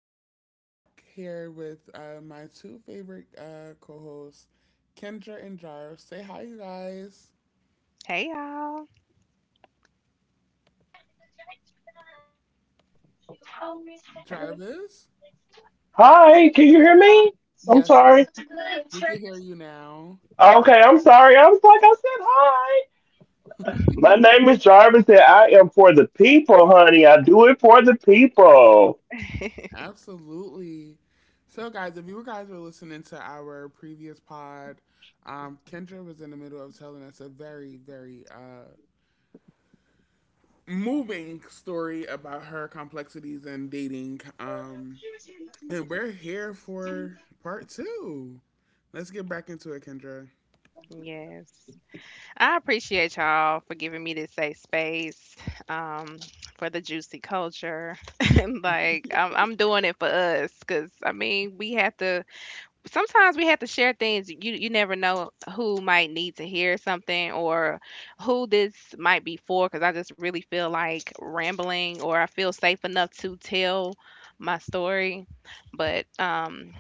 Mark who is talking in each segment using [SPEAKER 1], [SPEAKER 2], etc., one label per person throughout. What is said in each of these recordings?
[SPEAKER 1] and I'm back here with my two favorite co-hosts, Kendra and Jarvis. Say hi, you guys.
[SPEAKER 2] Hey y'all.
[SPEAKER 1] Jarvis, yes, we can hear you now. Absolutely. So, guys, if you guys were listening to our previous pod, Kendra was in the middle of telling us a very, very moving story about her complexities in dating. And we're here for part two. Let's get back into it, Kendra.
[SPEAKER 2] Yes, I appreciate y'all for giving me this safe space um, for the juicy culture. Like I'm doing it for us because I mean we have to. Sometimes we have to share things. You never know who might need to hear something or who this might be for. Because I just really feel like rambling or I feel safe enough to tell my story. But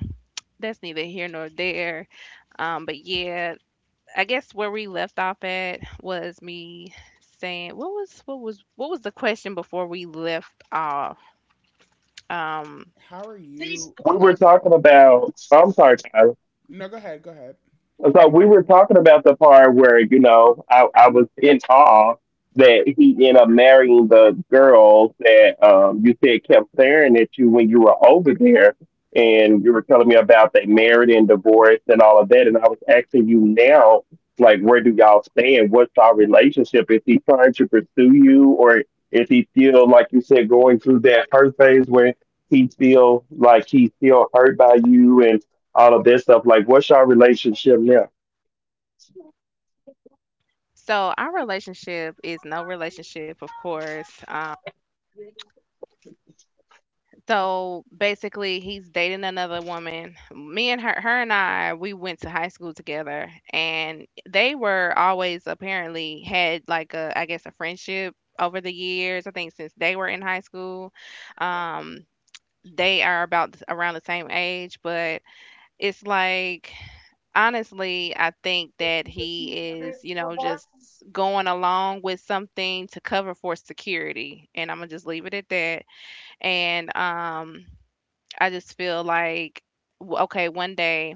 [SPEAKER 2] that's neither here nor there. But yeah, I guess where we left off at was me saying what was the question before we left off. Um,
[SPEAKER 1] How are you? I, no, go ahead. Go ahead.
[SPEAKER 2] so our relationship is no relationship, of course. So basically, he's dating another woman. Me and her, her and I, we went to high school together, and they were always apparently had like a, I guess, a friendship over the years. I think since they were in high school, um, they are about around the same age. But it's like, honestly, I think that he is, you know, just going along with something to cover for security, and I'm gonna just leave it at that and I just feel like, okay, one day,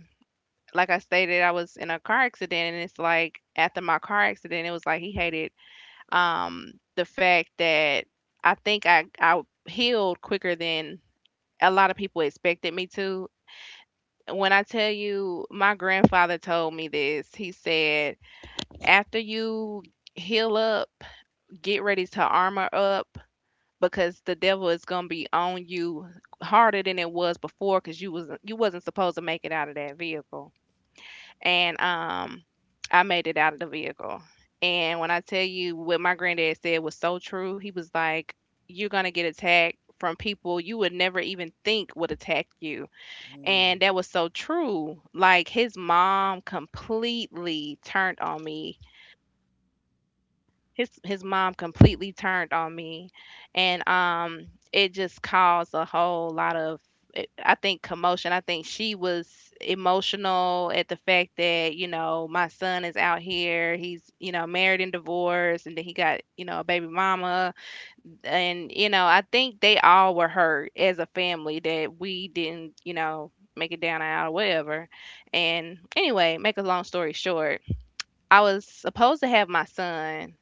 [SPEAKER 2] like I stated, I was in a car accident, and it's like after my car accident, it was like he hated the fact that I think I healed quicker than a lot of people expected me to. When I tell you, my grandfather told me this, he said, after you heal up, get ready to armor up because the devil is gonna be on you harder than it was before because you wasn't supposed to make it out of that vehicle. And I made it out of the vehicle. And when I tell you what my granddad said was so true, he was like, you're gonna get attacked from people you would never even think would attack you.
[SPEAKER 1] Mm-hmm.
[SPEAKER 2] And that was so true. Like his mom completely turned on me, his mom completely turned on me, and it just caused a whole lot of I think commotion. I think she was emotional at the fact that, you know, my son is out here. He's, you know, married and divorced and then he got, you know, a baby mama. And, you know, I think they all were hurt as a family that we didn't, you know, make it down and out or whatever. And anyway, make a long story short, I was supposed to have my son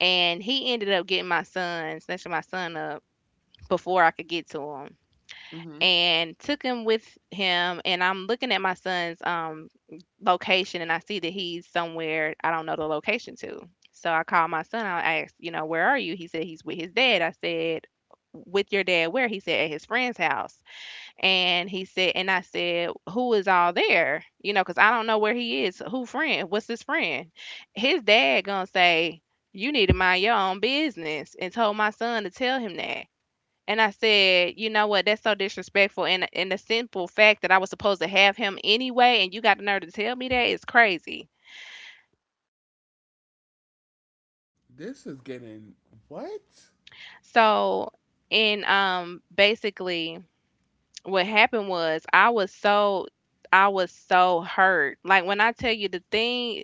[SPEAKER 2] and he ended up getting my son, snatching my son up before I could get to him, and took him with him. And I'm looking at my son's location, and I see that he's somewhere I don't know the location to. So I called my son. I asked, you know, where are you? He said he's with his dad. I said, with your dad, where? He said at his friend's house. And he said, and I said, who is all there? You know, because I don't know where he is. Who friend? What's his friend? His dad gonna say, you need to mind your own business, and told my son to tell him that. And I said, you know what? That's so disrespectful. And the simple fact that I was supposed to have him anyway, and you got the nerve to tell me that is crazy.
[SPEAKER 1] This is getting what?
[SPEAKER 2] So, and basically, what happened was I was so hurt. Like when I tell you the thing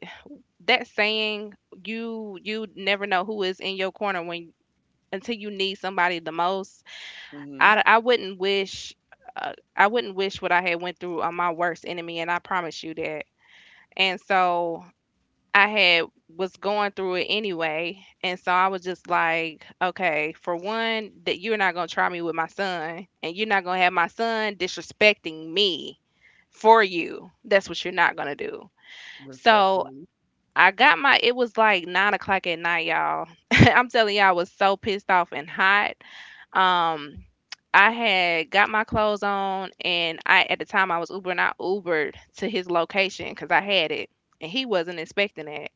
[SPEAKER 2] that saying you never know who is in your corner when until you need somebody the most.
[SPEAKER 1] Mm-hmm.
[SPEAKER 2] i, I wouldn't wish I wouldn't wish what I had went through on my worst enemy and I promise you that. And so I had was going through it anyway and so I was just like okay for one that you're not going to try me with my son and you're not going to have my son disrespecting me, for you that's what you're not going to do. So
[SPEAKER 1] Respectfully.
[SPEAKER 2] I got my, it was like 9 o'clock at night, y'all. I'm telling y'all, I was so pissed off and hot. Um, I had got my clothes on and I at the time I was Ubering, I Ubered to his location because I had it and he wasn't expecting it.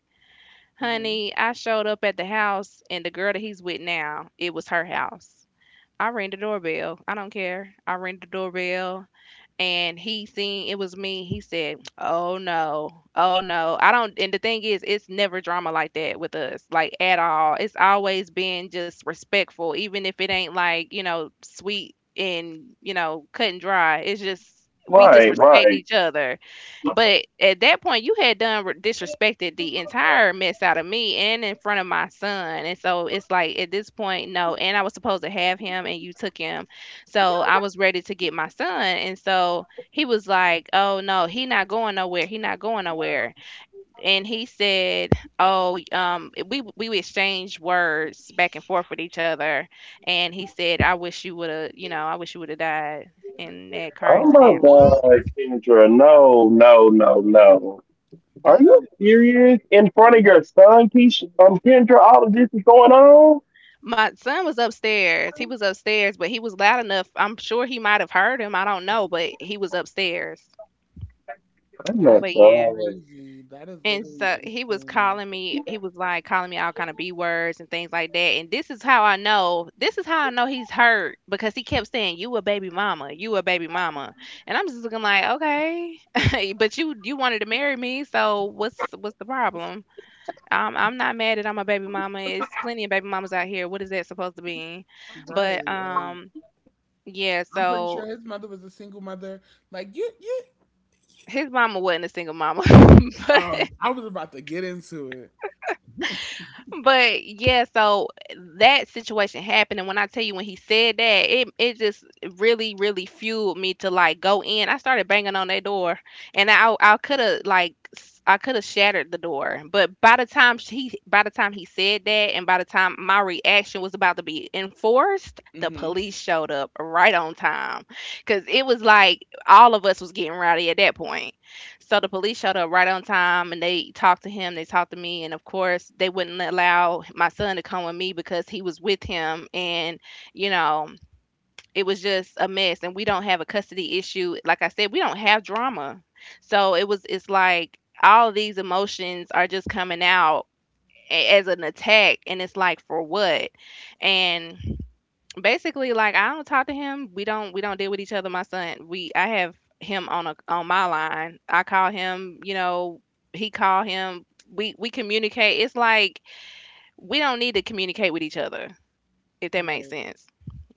[SPEAKER 1] Mm-hmm.
[SPEAKER 2] Honey, I showed up at the house and the girl that he's with now, it was her house. I rang the doorbell. I don't care. I rang the doorbell and he seen it was me. He said, "Oh no, oh no, I don't." And the thing is, it's never drama like that with us, like at all. It's always been just respectful, even if it ain't like, you know, sweet and, you know, cut and dry. It's just we just respect each other. But at that point, you had done disrespected the entire mess out of me and in front of my son. And so it's like at this point, no. And I was supposed to have him, and you took him, so I was ready to get my son, and so he was like, "Oh no, he not going nowhere. He not going nowhere." And he said, "Oh, we exchanged words back and forth with each other," and he said, "I wish you would have, you know, I wish you would have died in that car accident."
[SPEAKER 1] What? That is
[SPEAKER 2] My son was upstairs. He was upstairs, but he was loud enough. I'm sure he might have heard him. I don't know, but he was upstairs. But
[SPEAKER 1] that's
[SPEAKER 2] yeah.
[SPEAKER 1] crazy. That is
[SPEAKER 2] And
[SPEAKER 1] literally
[SPEAKER 2] so he was
[SPEAKER 1] insane.
[SPEAKER 2] calling me, he was like calling me all kind of B words and things like that. And this is how I know, this is how I know he's hurt because he kept saying, you a baby mama, you a baby mama. And I'm just looking like, okay. But you wanted to marry me, so what's the problem? I'm not mad that I'm a baby mama. It's plenty of baby mamas out here. What is that supposed to be? But
[SPEAKER 1] Right? Like
[SPEAKER 2] um yeah,
[SPEAKER 1] I'm pretty sure
[SPEAKER 2] so
[SPEAKER 1] his mother was a single mother. Like you.
[SPEAKER 2] his mama wasn't a single mama.
[SPEAKER 1] Oh,
[SPEAKER 2] but
[SPEAKER 1] I was about to get into it.
[SPEAKER 2] But yeah, so that situation happened, and when I tell you when he said that, it just really really fueled me to like go in. I started banging on that door, and I could have shattered the door, but by the time he said that, and by the time my reaction was about to be enforced, the
[SPEAKER 1] Mm-hmm.
[SPEAKER 2] police showed up right on time, cause it was like all of us was getting rowdy at that point. So the police showed up right on time and they talked to him, they talked to me, and of course they wouldn't allow my son to come with me because he was with him and, you know, it was just a mess and we don't have a custody issue. Like I said, we don't have drama. So it was, it's like all these emotions are just coming out as an attack and it's like for what? And basically like I don't talk to him. We don't deal with each other. My son, we, I have him on a, on my line. I call him, you know, he call him. We communicate. It's like we don't need to communicate with each other if that makes
[SPEAKER 1] Right.
[SPEAKER 2] sense.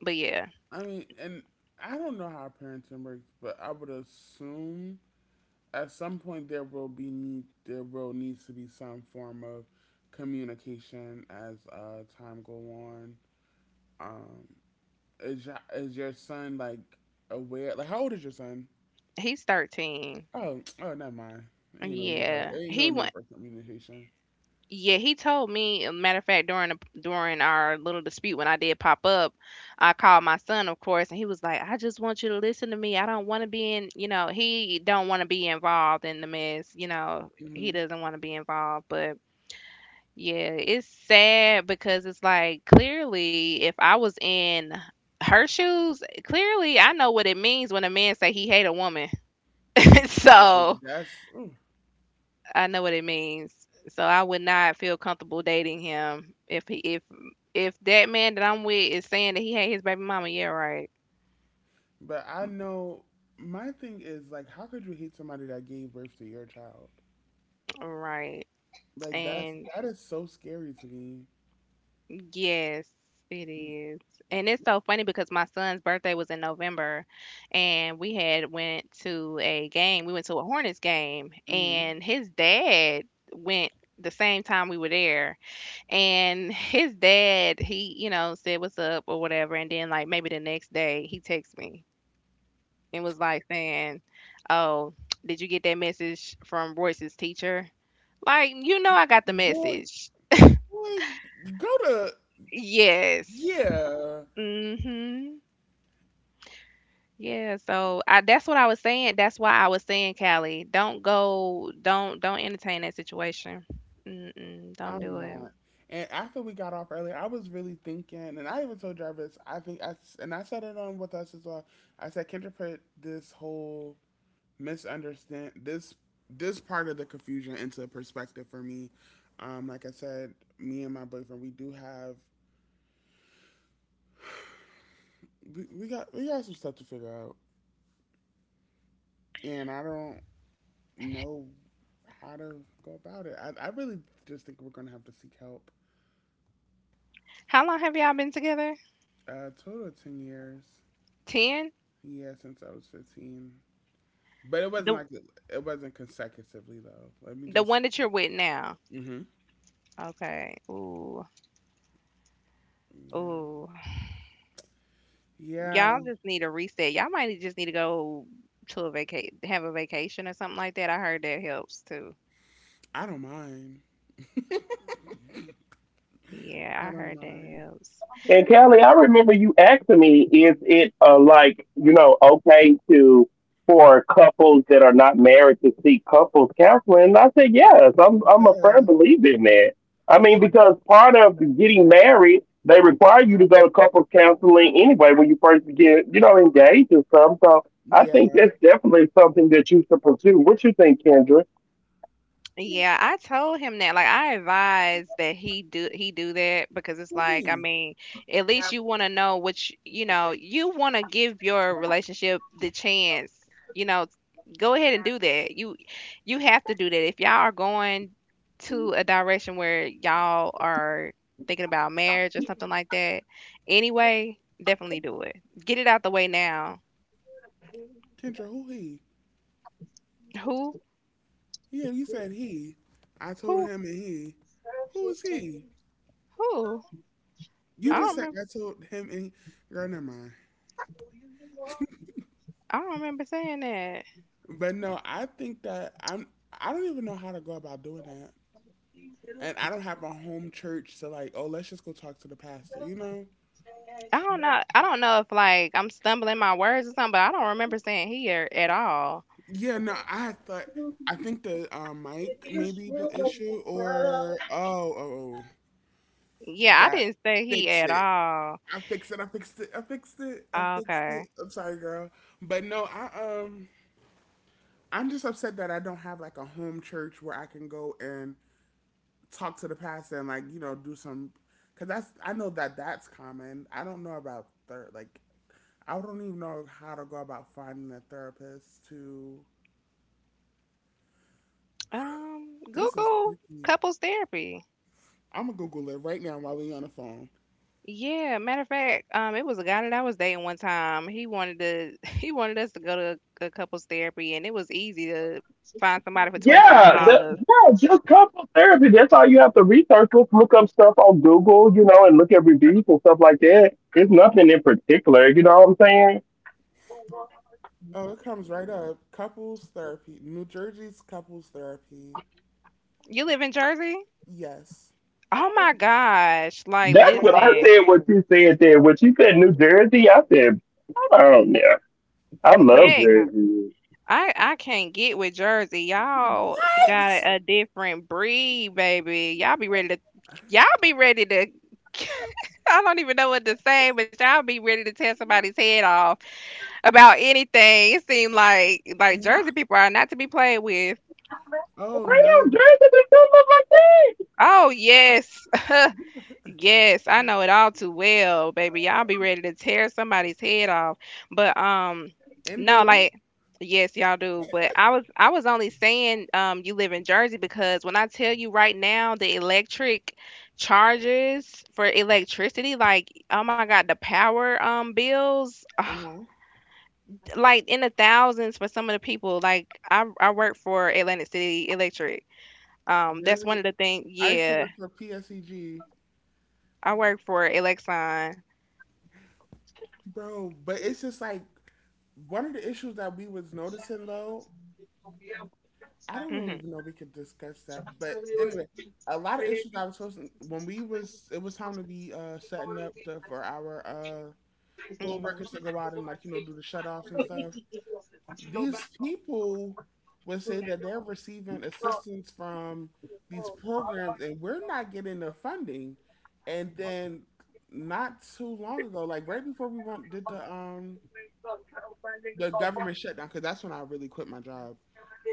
[SPEAKER 2] But yeah,
[SPEAKER 1] I mean, and I don't know how parenting works, but I would assume at some point there will needs to be some form of communication as time go on. Um, is your son like aware? Like, how old is your son?
[SPEAKER 2] he's 13.
[SPEAKER 1] Oh, oh, never mind.
[SPEAKER 2] Yeah.
[SPEAKER 1] Ain't no
[SPEAKER 2] He
[SPEAKER 1] need
[SPEAKER 2] went
[SPEAKER 1] for communication.
[SPEAKER 2] Yeah, he told me. A matter of fact, during the, during our little dispute when I did pop up, I called my son, of course, and he was like, "I just want you to listen to me. I don't want to be in, you know, he don't want to be involved in the mess. You know, he
[SPEAKER 1] Hmm.
[SPEAKER 2] doesn't want to be involved." But yeah, it's sad because it's like clearly, if I was in her shoes, clearly I know what it means when a man say he hate a woman.
[SPEAKER 1] Like
[SPEAKER 2] So
[SPEAKER 1] that's. Ooh.
[SPEAKER 2] I know what it means. So I would not feel comfortable dating him if he if that man that I'm with is saying that he had his baby mama. Yeah, right,
[SPEAKER 1] But I know my thing is like, how could you hate somebody that gave birth to your child?
[SPEAKER 2] right.
[SPEAKER 1] Like
[SPEAKER 2] And
[SPEAKER 1] that is so scary to me.
[SPEAKER 2] yes, it is. And it's so funny because my son's birthday was in November, and we had went to a game. We went to a Hornets game,
[SPEAKER 1] Hmm.
[SPEAKER 2] and his dad went the same time we were there and his dad he, you know, said what's up or whatever and then like maybe the next day he texts me and was like saying, "Oh, did you get that message from Royce's teacher?" Like, you know, I got the
[SPEAKER 1] Boy,
[SPEAKER 2] message.
[SPEAKER 1] boy, go to
[SPEAKER 2] Yes.
[SPEAKER 1] yeah.
[SPEAKER 2] Mhm. Yeah. So I, that's what I was saying. That's why I was saying, Callie, don't go. Don't entertain that situation. Mm-mm, don't
[SPEAKER 1] I'm
[SPEAKER 2] do it.
[SPEAKER 1] not. And after we got off earlier, I was really thinking, and I even told Jarvis. I think I s- and I said it on with us as well. I said Kendra put this whole misunderstand this this part of the confusion into perspective for me. Like I said, me and my boyfriend, we do have we got some stuff to figure out, and I don't. Know how to go about it. I really just think we're going to have to seek help.
[SPEAKER 2] How long have y'all been together?
[SPEAKER 1] Total of 10 years.
[SPEAKER 2] Ten.
[SPEAKER 1] Yeah, since I was 15. But it wasn't
[SPEAKER 2] The
[SPEAKER 1] like, it wasn't consecutively, though. Let me
[SPEAKER 2] the
[SPEAKER 1] just,
[SPEAKER 2] one that you're with now.
[SPEAKER 1] mm-hmm.
[SPEAKER 2] Okay. Ooh.
[SPEAKER 1] Yeah.
[SPEAKER 2] Ooh. Y'all
[SPEAKER 1] Yeah,
[SPEAKER 2] just need a reset. Just need to go to a vaca have a vacation or something like that. I heard that helps too.
[SPEAKER 1] I don't mind.
[SPEAKER 2] Yeah,
[SPEAKER 1] I
[SPEAKER 2] I
[SPEAKER 1] don't
[SPEAKER 2] heard that
[SPEAKER 1] mind.
[SPEAKER 2] helps.
[SPEAKER 1] Yeah. Yeah.
[SPEAKER 2] Yeah, I told him that. Like, I advise that he do that because it's
[SPEAKER 1] Who
[SPEAKER 2] like, I
[SPEAKER 1] he?
[SPEAKER 2] mean, at least you want to know you want to give your relationship the chance. You know, Go ahead and do that. You have to do that if y'all are going to a direction where y'all are thinking about marriage or something like that. Anyway, definitely do it. Get it out the way now.
[SPEAKER 1] Kendra, who he?
[SPEAKER 2] Who
[SPEAKER 1] Yeah, you said he. I told
[SPEAKER 2] who
[SPEAKER 1] him and he. Who is he?
[SPEAKER 2] who?
[SPEAKER 1] You
[SPEAKER 2] I don't
[SPEAKER 1] just said
[SPEAKER 2] remember.
[SPEAKER 1] I told him and he. Girl, never mind.
[SPEAKER 2] I don't remember saying that.
[SPEAKER 1] But no, I think that I'm. I don't even know how to go about doing that, and I don't have a home church to like. Oh, let's just go talk to the pastor. You know?
[SPEAKER 2] I don't know. I don't know if like I'm stumbling my words or something, but I don't remember saying he or, at all.
[SPEAKER 1] Yeah. No, I had thought. I think the mic may be the issue, or
[SPEAKER 2] Yeah, I
[SPEAKER 1] that
[SPEAKER 2] didn't say he
[SPEAKER 1] fix
[SPEAKER 2] at
[SPEAKER 1] it.
[SPEAKER 2] all.
[SPEAKER 1] I fixed it. I fixed it. I fixed it. I fixed
[SPEAKER 2] Okay.
[SPEAKER 1] it. I'm sorry, girl. But no, I um, I'm just upset that I don't have like a home church where I can go and talk to the pastor and like do some because that's I know that that's common. I don't know about third like I don't even know how to go about finding a therapist to. This is
[SPEAKER 2] Google
[SPEAKER 1] tricky.
[SPEAKER 2] couples therapy.
[SPEAKER 1] I'm gonna Google it right now while we are on the phone.
[SPEAKER 2] Yeah, matter of fact, it was a guy that I was dating one time. He wanted to, he wanted us to go to a couples therapy, and it was easy to find somebody for $25.
[SPEAKER 1] Oh, it comes right up. Couples therapy, New Jersey's couples therapy.
[SPEAKER 2] You live in Jersey?
[SPEAKER 1] Yes.
[SPEAKER 2] Oh my gosh! Like, listen, heck, I can't get with Jersey. Y'all got
[SPEAKER 1] What?
[SPEAKER 2] a different breed, baby. Y'all be ready to I don't even know what to say, but y'all be ready to tear somebody's head off about anything. It seemed like
[SPEAKER 1] No.
[SPEAKER 2] Jersey people are not to be played with.
[SPEAKER 1] Oh no,
[SPEAKER 2] Oh yes. Yes, I know it all too well, baby. Y'all be ready to tear somebody's head off. But No,
[SPEAKER 1] Indu.
[SPEAKER 2] like, yes, y'all do. But I was only saying, you live in Jersey because when I tell you right now the electric charges for electricity, like oh my God, the power bills
[SPEAKER 1] Uh huh.
[SPEAKER 2] like in the thousands for some of the people. Like I work for Atlantic City Electric. Um, that's one of
[SPEAKER 1] Really,
[SPEAKER 2] the things,
[SPEAKER 1] I used to
[SPEAKER 2] yeah.
[SPEAKER 1] work for PSEG.
[SPEAKER 2] I work for Elexon.
[SPEAKER 1] Bro, but it's just like one of the issues that we was noticing though, I don't know even know if we could discuss that, but anyway, a lot of issues I was supposed to when we was it was time to be setting up the, for our poll
[SPEAKER 2] Hmm.
[SPEAKER 1] workers to go out and like, you know, do the shut offs and stuff. These people would say that they're receiving assistance from these programs and we're not getting the funding. And then not too long ago, like right before we went did the government shutdown because that's when I really quit my job.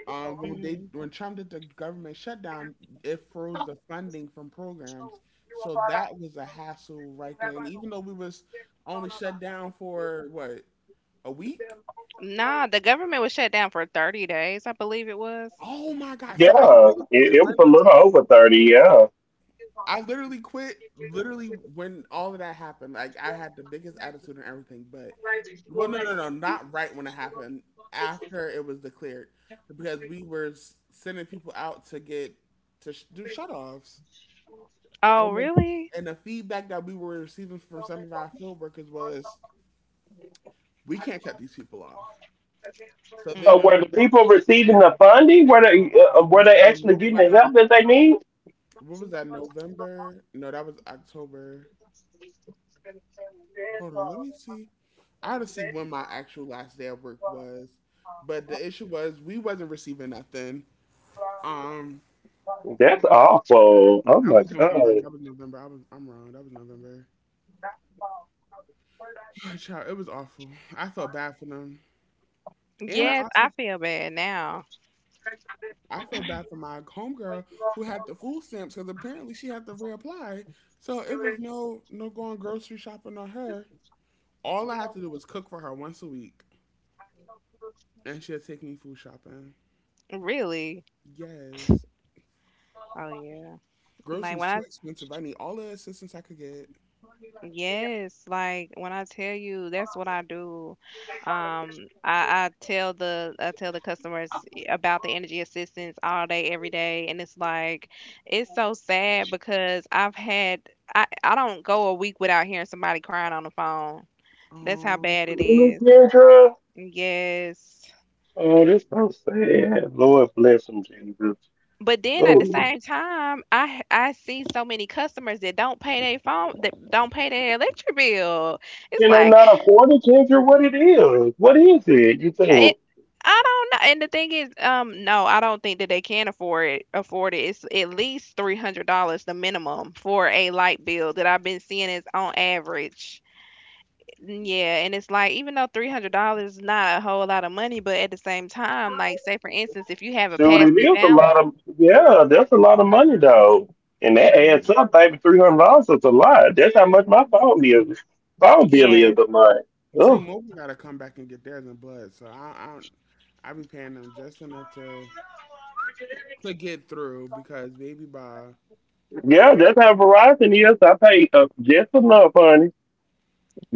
[SPEAKER 2] Mhm.
[SPEAKER 1] When Trump did the government shutdown, it froze the funding from programs, so that was a hassle right there. And even though we was only shut down for what a week,
[SPEAKER 2] Nah, the government was shut down for 30 days, I believe it was.
[SPEAKER 1] oh my god! So I really quit right on I literally quit literally when all of that happened. Like I had the biggest attitude and everything, but well, not right when it happened. After it was declared, because we were sending people out to get to do shutoffs,
[SPEAKER 2] Oh,
[SPEAKER 1] and
[SPEAKER 2] really?
[SPEAKER 1] and the feedback that we were receiving from some of our field workers was we can't cut these people off. So they were
[SPEAKER 2] Mhm.
[SPEAKER 1] no funding was what was that November? No, that was October. Hold on, let me see. I had to see when my actual last day of work was, but the issue was we wasn't receiving nothing. Um, that was November. That was November. I'm wrong. That was November. Child, it was awful. I felt bad for them, and
[SPEAKER 2] Yes, I feel bad now.
[SPEAKER 1] I felt bad for my homegirl who had the food stamps because apparently she had to reapply. So it was no going grocery shopping on her. All I had to do was cook for her once a week, and she'd take me food shopping.
[SPEAKER 2] Really?
[SPEAKER 1] Yes.
[SPEAKER 2] Oh, yeah. Like
[SPEAKER 1] Groceries
[SPEAKER 2] when
[SPEAKER 1] too
[SPEAKER 2] I
[SPEAKER 1] expensive. I need all the assistance I could get.
[SPEAKER 2] Yes, like when I tell you that's what I do. Um, I tell the customers about the energy assistance all day, every day, and it's like it's so sad because I don't go a week without hearing somebody crying on the phone. That's how
[SPEAKER 1] Um,
[SPEAKER 2] bad it is. Yes. But then at the same time, I see so many customers that don't pay their phone, that don't pay their electric bill. It's like it, I don't know. And the thing is, no, I don't think that they can afford it. Afford it. It's at least $300. The minimum for a light bill that I've been seeing is on average. Yeah, and it's like even though $300 is not a whole lot of money, but at the same time, like say for instance, if you have a past due balance, yeah. Hmm. Yes.
[SPEAKER 1] T-Mobile gotta come back and get theirs in blood. So I be paying them just enough to get through because baby by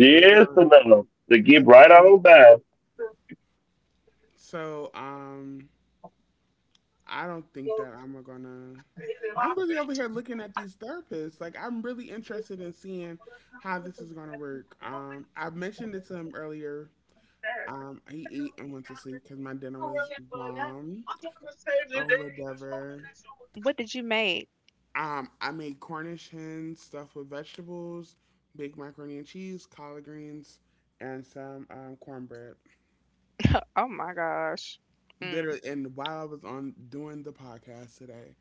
[SPEAKER 1] they got that balance. So I don't think that I'm gonna. I'm really over here looking at these therapists. Like I'm really interested in seeing how this is gonna work. I mentioned it to him earlier. He ate and went to sleep because my dinner was bomb. Over Dover.
[SPEAKER 2] What did you make?
[SPEAKER 1] I made Cornish hens stuffed with vegetables, baked macaroni and cheese, collard greens, and some cornbread.
[SPEAKER 2] Oh my gosh. Mm.
[SPEAKER 1] Literally, and while I was on doing the podcast today,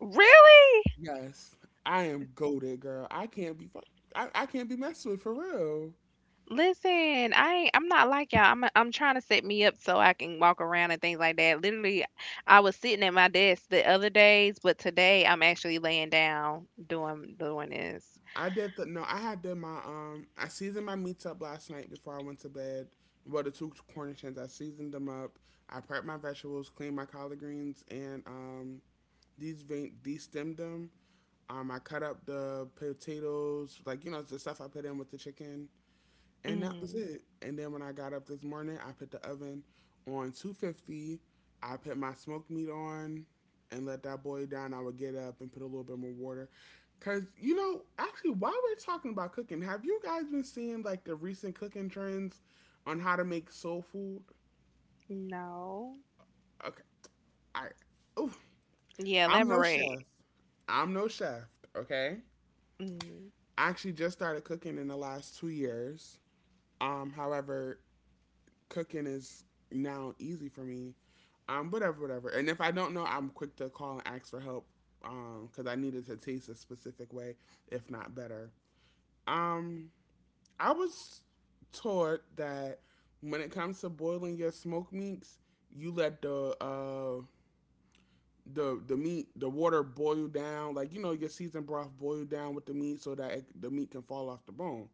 [SPEAKER 2] Really?
[SPEAKER 1] yes, I am goaded, girl. I can't be fuck. I can't be messed with for real.
[SPEAKER 2] Listen, I'm not like y'all. I'm trying to set me up so I can walk around and things like that. Literally, I was sitting at my desk the other days, but today I'm actually laying down doing this.
[SPEAKER 1] I did the no. I had did my I seasoned my meats up last night before I went to bed. Well, the two Cornish hens, I seasoned them up. I prepped my vegetables, cleaned my collard greens, and destemmed them. I cut up the potatoes, like you know, it's the stuff I put in with the chicken, and that was
[SPEAKER 2] Mm.
[SPEAKER 1] it. And then when I got up this morning, I put the oven on 250. I put my smoked meat on and let that boil down. I would get up and put a little bit more water. Cause you know, actually, while we're talking about cooking, have you guys been seeing like the recent cooking trends on how to make soul food?
[SPEAKER 2] No.
[SPEAKER 1] Okay, I, oof,
[SPEAKER 2] Yeah,
[SPEAKER 1] I'm no
[SPEAKER 2] elaborate.
[SPEAKER 1] chef. I'm no chef. Okay,
[SPEAKER 2] Mm.
[SPEAKER 1] I actually just started cooking in the last 2 years. However, cooking is now easy for me. Whatever, whatever. And if I don't know, I'm quick to call and ask for help. Because I needed to taste a specific way, if not better. Um, I was taught that when it comes to boiling your smoked meats, you let the meat the water boil down like you know your seasoned broth boil down with the meat so that the meat can fall off the bone.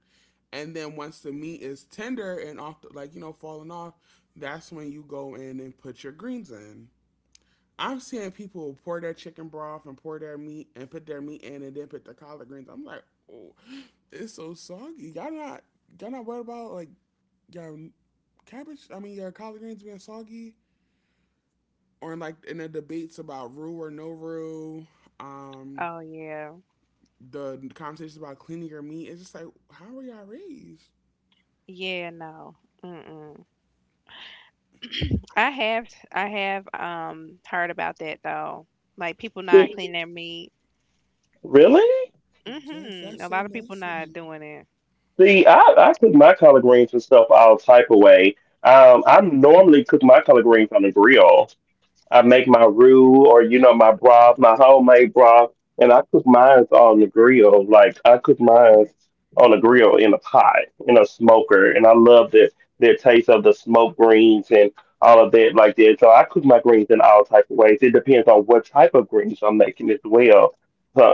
[SPEAKER 1] And then once the meat is tender and off, like you know, falling off, that's when you go in and put your greens in. I'm seeing people pour their chicken broth and pour their meat and put their meat in and then put the collard greens. I'm like, oh, it's so soggy. Y'all not worried about like your cabbage? I mean, your collard greens being soggy or like in the debates about roux or no roux, Um,
[SPEAKER 2] Oh yeah.
[SPEAKER 1] the conversations about cleaning your meat. It's just like, how were y'all raised?
[SPEAKER 2] Yeah, no. Mm-mm. I have I have heard about that though. Like people not cleaning their meat.
[SPEAKER 1] Yes,
[SPEAKER 2] Mhm.
[SPEAKER 1] that's
[SPEAKER 2] A
[SPEAKER 1] so
[SPEAKER 2] lot of people not
[SPEAKER 1] nasty.
[SPEAKER 2] doing it.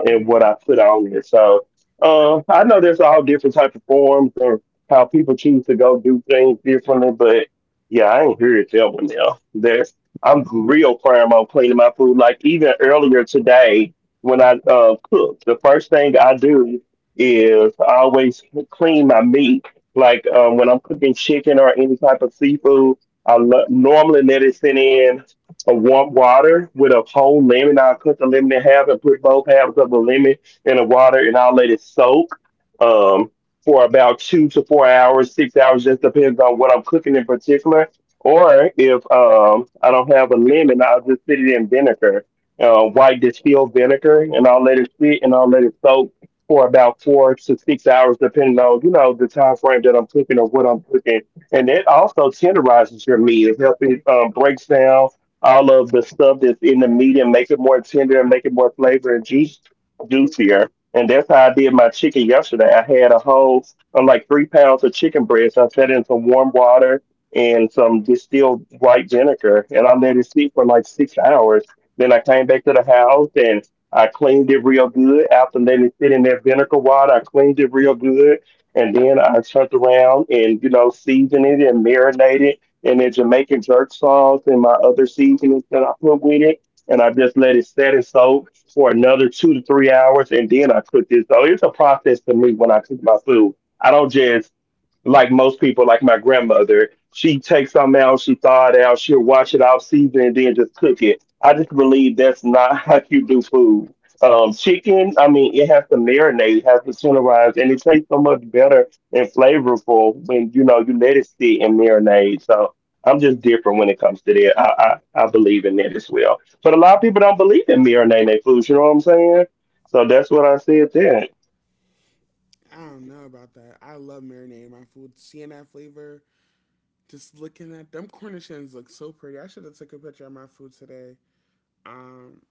[SPEAKER 1] Mhm. I don't know about that. I love marinating my food. Seeing that flavor, just looking at them cornichons look so pretty. I should have took a picture of my food today. Um,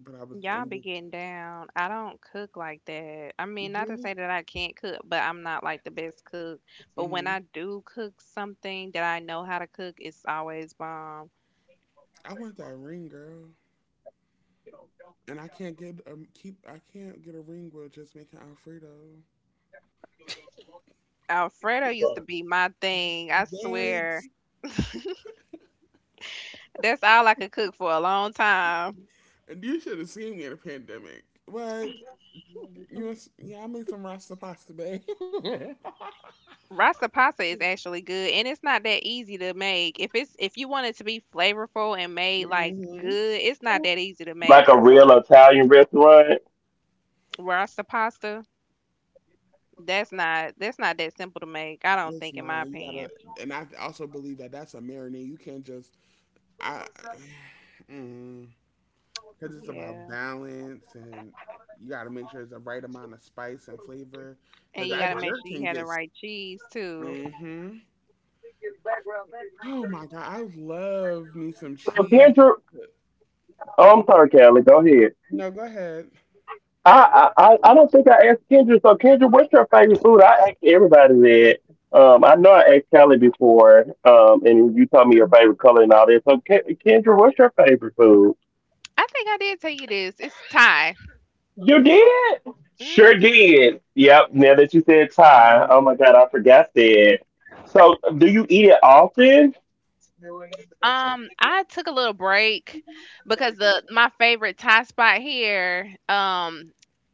[SPEAKER 1] but I was
[SPEAKER 2] Y'all
[SPEAKER 1] in
[SPEAKER 2] be getting down. I don't cook like that. I mean, not to
[SPEAKER 1] really.
[SPEAKER 2] say that I can't cook, but I'm not like the best cook. But when
[SPEAKER 1] Mm,
[SPEAKER 2] I do cook something that I know how to cook, it's always bomb.
[SPEAKER 1] I want that ring, girl, and I can't get a keep. I can't get a ring with just making Alfredo.
[SPEAKER 2] Alfredo used to be my thing. I
[SPEAKER 1] What?
[SPEAKER 2] swear. That's all I could cook for a long time.
[SPEAKER 1] And you should have seen me in a pandemic. What? Yeah, I made some rasta pasta, babe.
[SPEAKER 2] Rasta pasta is actually good and it's not that easy to make. If you want it to be flavorful and made like
[SPEAKER 1] Hmm.
[SPEAKER 2] good, it's not that easy to make. Rasta pasta, that's not that simple to make. I don't
[SPEAKER 1] It's
[SPEAKER 2] think, in my
[SPEAKER 1] not.
[SPEAKER 2] opinion.
[SPEAKER 1] And I also believe that that's a marinade. You can't just I, mm, because it's about
[SPEAKER 2] Yeah,
[SPEAKER 1] balance, and you gotta make sure it's the right amount of spice and flavor.
[SPEAKER 2] and
[SPEAKER 1] Because
[SPEAKER 2] you gotta
[SPEAKER 1] that
[SPEAKER 2] make
[SPEAKER 1] jerk
[SPEAKER 2] sure you
[SPEAKER 1] can
[SPEAKER 2] had the
[SPEAKER 1] get.
[SPEAKER 2] right cheese too.
[SPEAKER 1] Mm-hmm. Oh my god, I love me some cheese. No, go ahead.
[SPEAKER 2] I think I did tell you this. It's Thai. Hmm.
[SPEAKER 1] I love me some cheese.
[SPEAKER 2] I took a little break because the my favorite Thai spot here.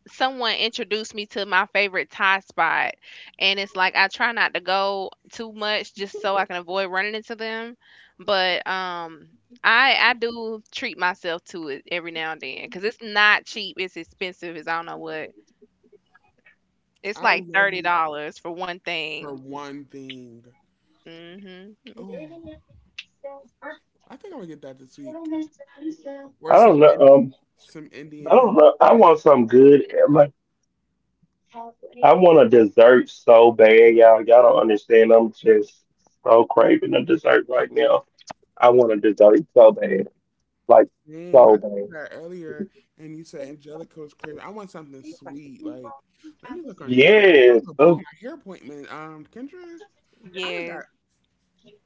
[SPEAKER 2] Someone introduced me to my favorite Thai spot, and it's like I try not to go too much just so I can avoid running into them. But I do treat myself to it every now and then because it's not cheap. It's expensive. It's I don't know what. It's
[SPEAKER 1] I
[SPEAKER 2] like
[SPEAKER 1] love
[SPEAKER 2] thirty
[SPEAKER 1] me
[SPEAKER 2] dollars for one
[SPEAKER 1] for
[SPEAKER 2] thing.
[SPEAKER 1] one thing.
[SPEAKER 2] Mhm.
[SPEAKER 1] Oh, I think I'm gonna get that this week. Or some Indian Same. I said that earlier, and you said Angelica was crazy. I want something sweet. Like, let me look under. Wait, I need to book my hair appointment. Kendra, I done
[SPEAKER 2] Yes,
[SPEAKER 1] got.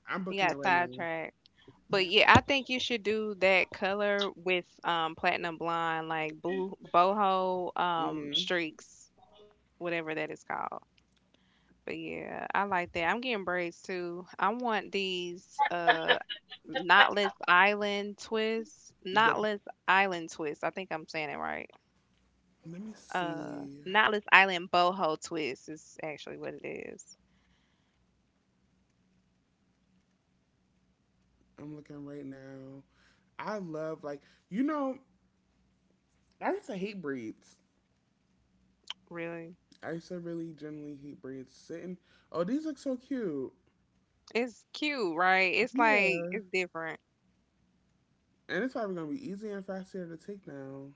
[SPEAKER 1] I'm
[SPEAKER 2] you
[SPEAKER 1] booking it
[SPEAKER 2] got
[SPEAKER 1] right now.
[SPEAKER 2] sidetracked. But yeah, I think you should do that color with platinum blonde, like boo boho
[SPEAKER 1] Mm-hmm.
[SPEAKER 2] streaks, whatever that is called. But yeah, I like that. I'm getting braids too. I want these knotless island twists.
[SPEAKER 1] The,
[SPEAKER 2] I think I'm saying it right.
[SPEAKER 1] let me see.
[SPEAKER 2] Knotless island boho twists is actually what it is.
[SPEAKER 1] I'm looking right now. I love like you know. I used to hate braids.
[SPEAKER 2] Really?
[SPEAKER 1] I used to really generally hate braids. Sitting. Oh, these look so cute.
[SPEAKER 2] It's cute, right? It's like
[SPEAKER 1] Yeah,
[SPEAKER 2] it's different.
[SPEAKER 1] and it's probably gonna be easier and faster to take now.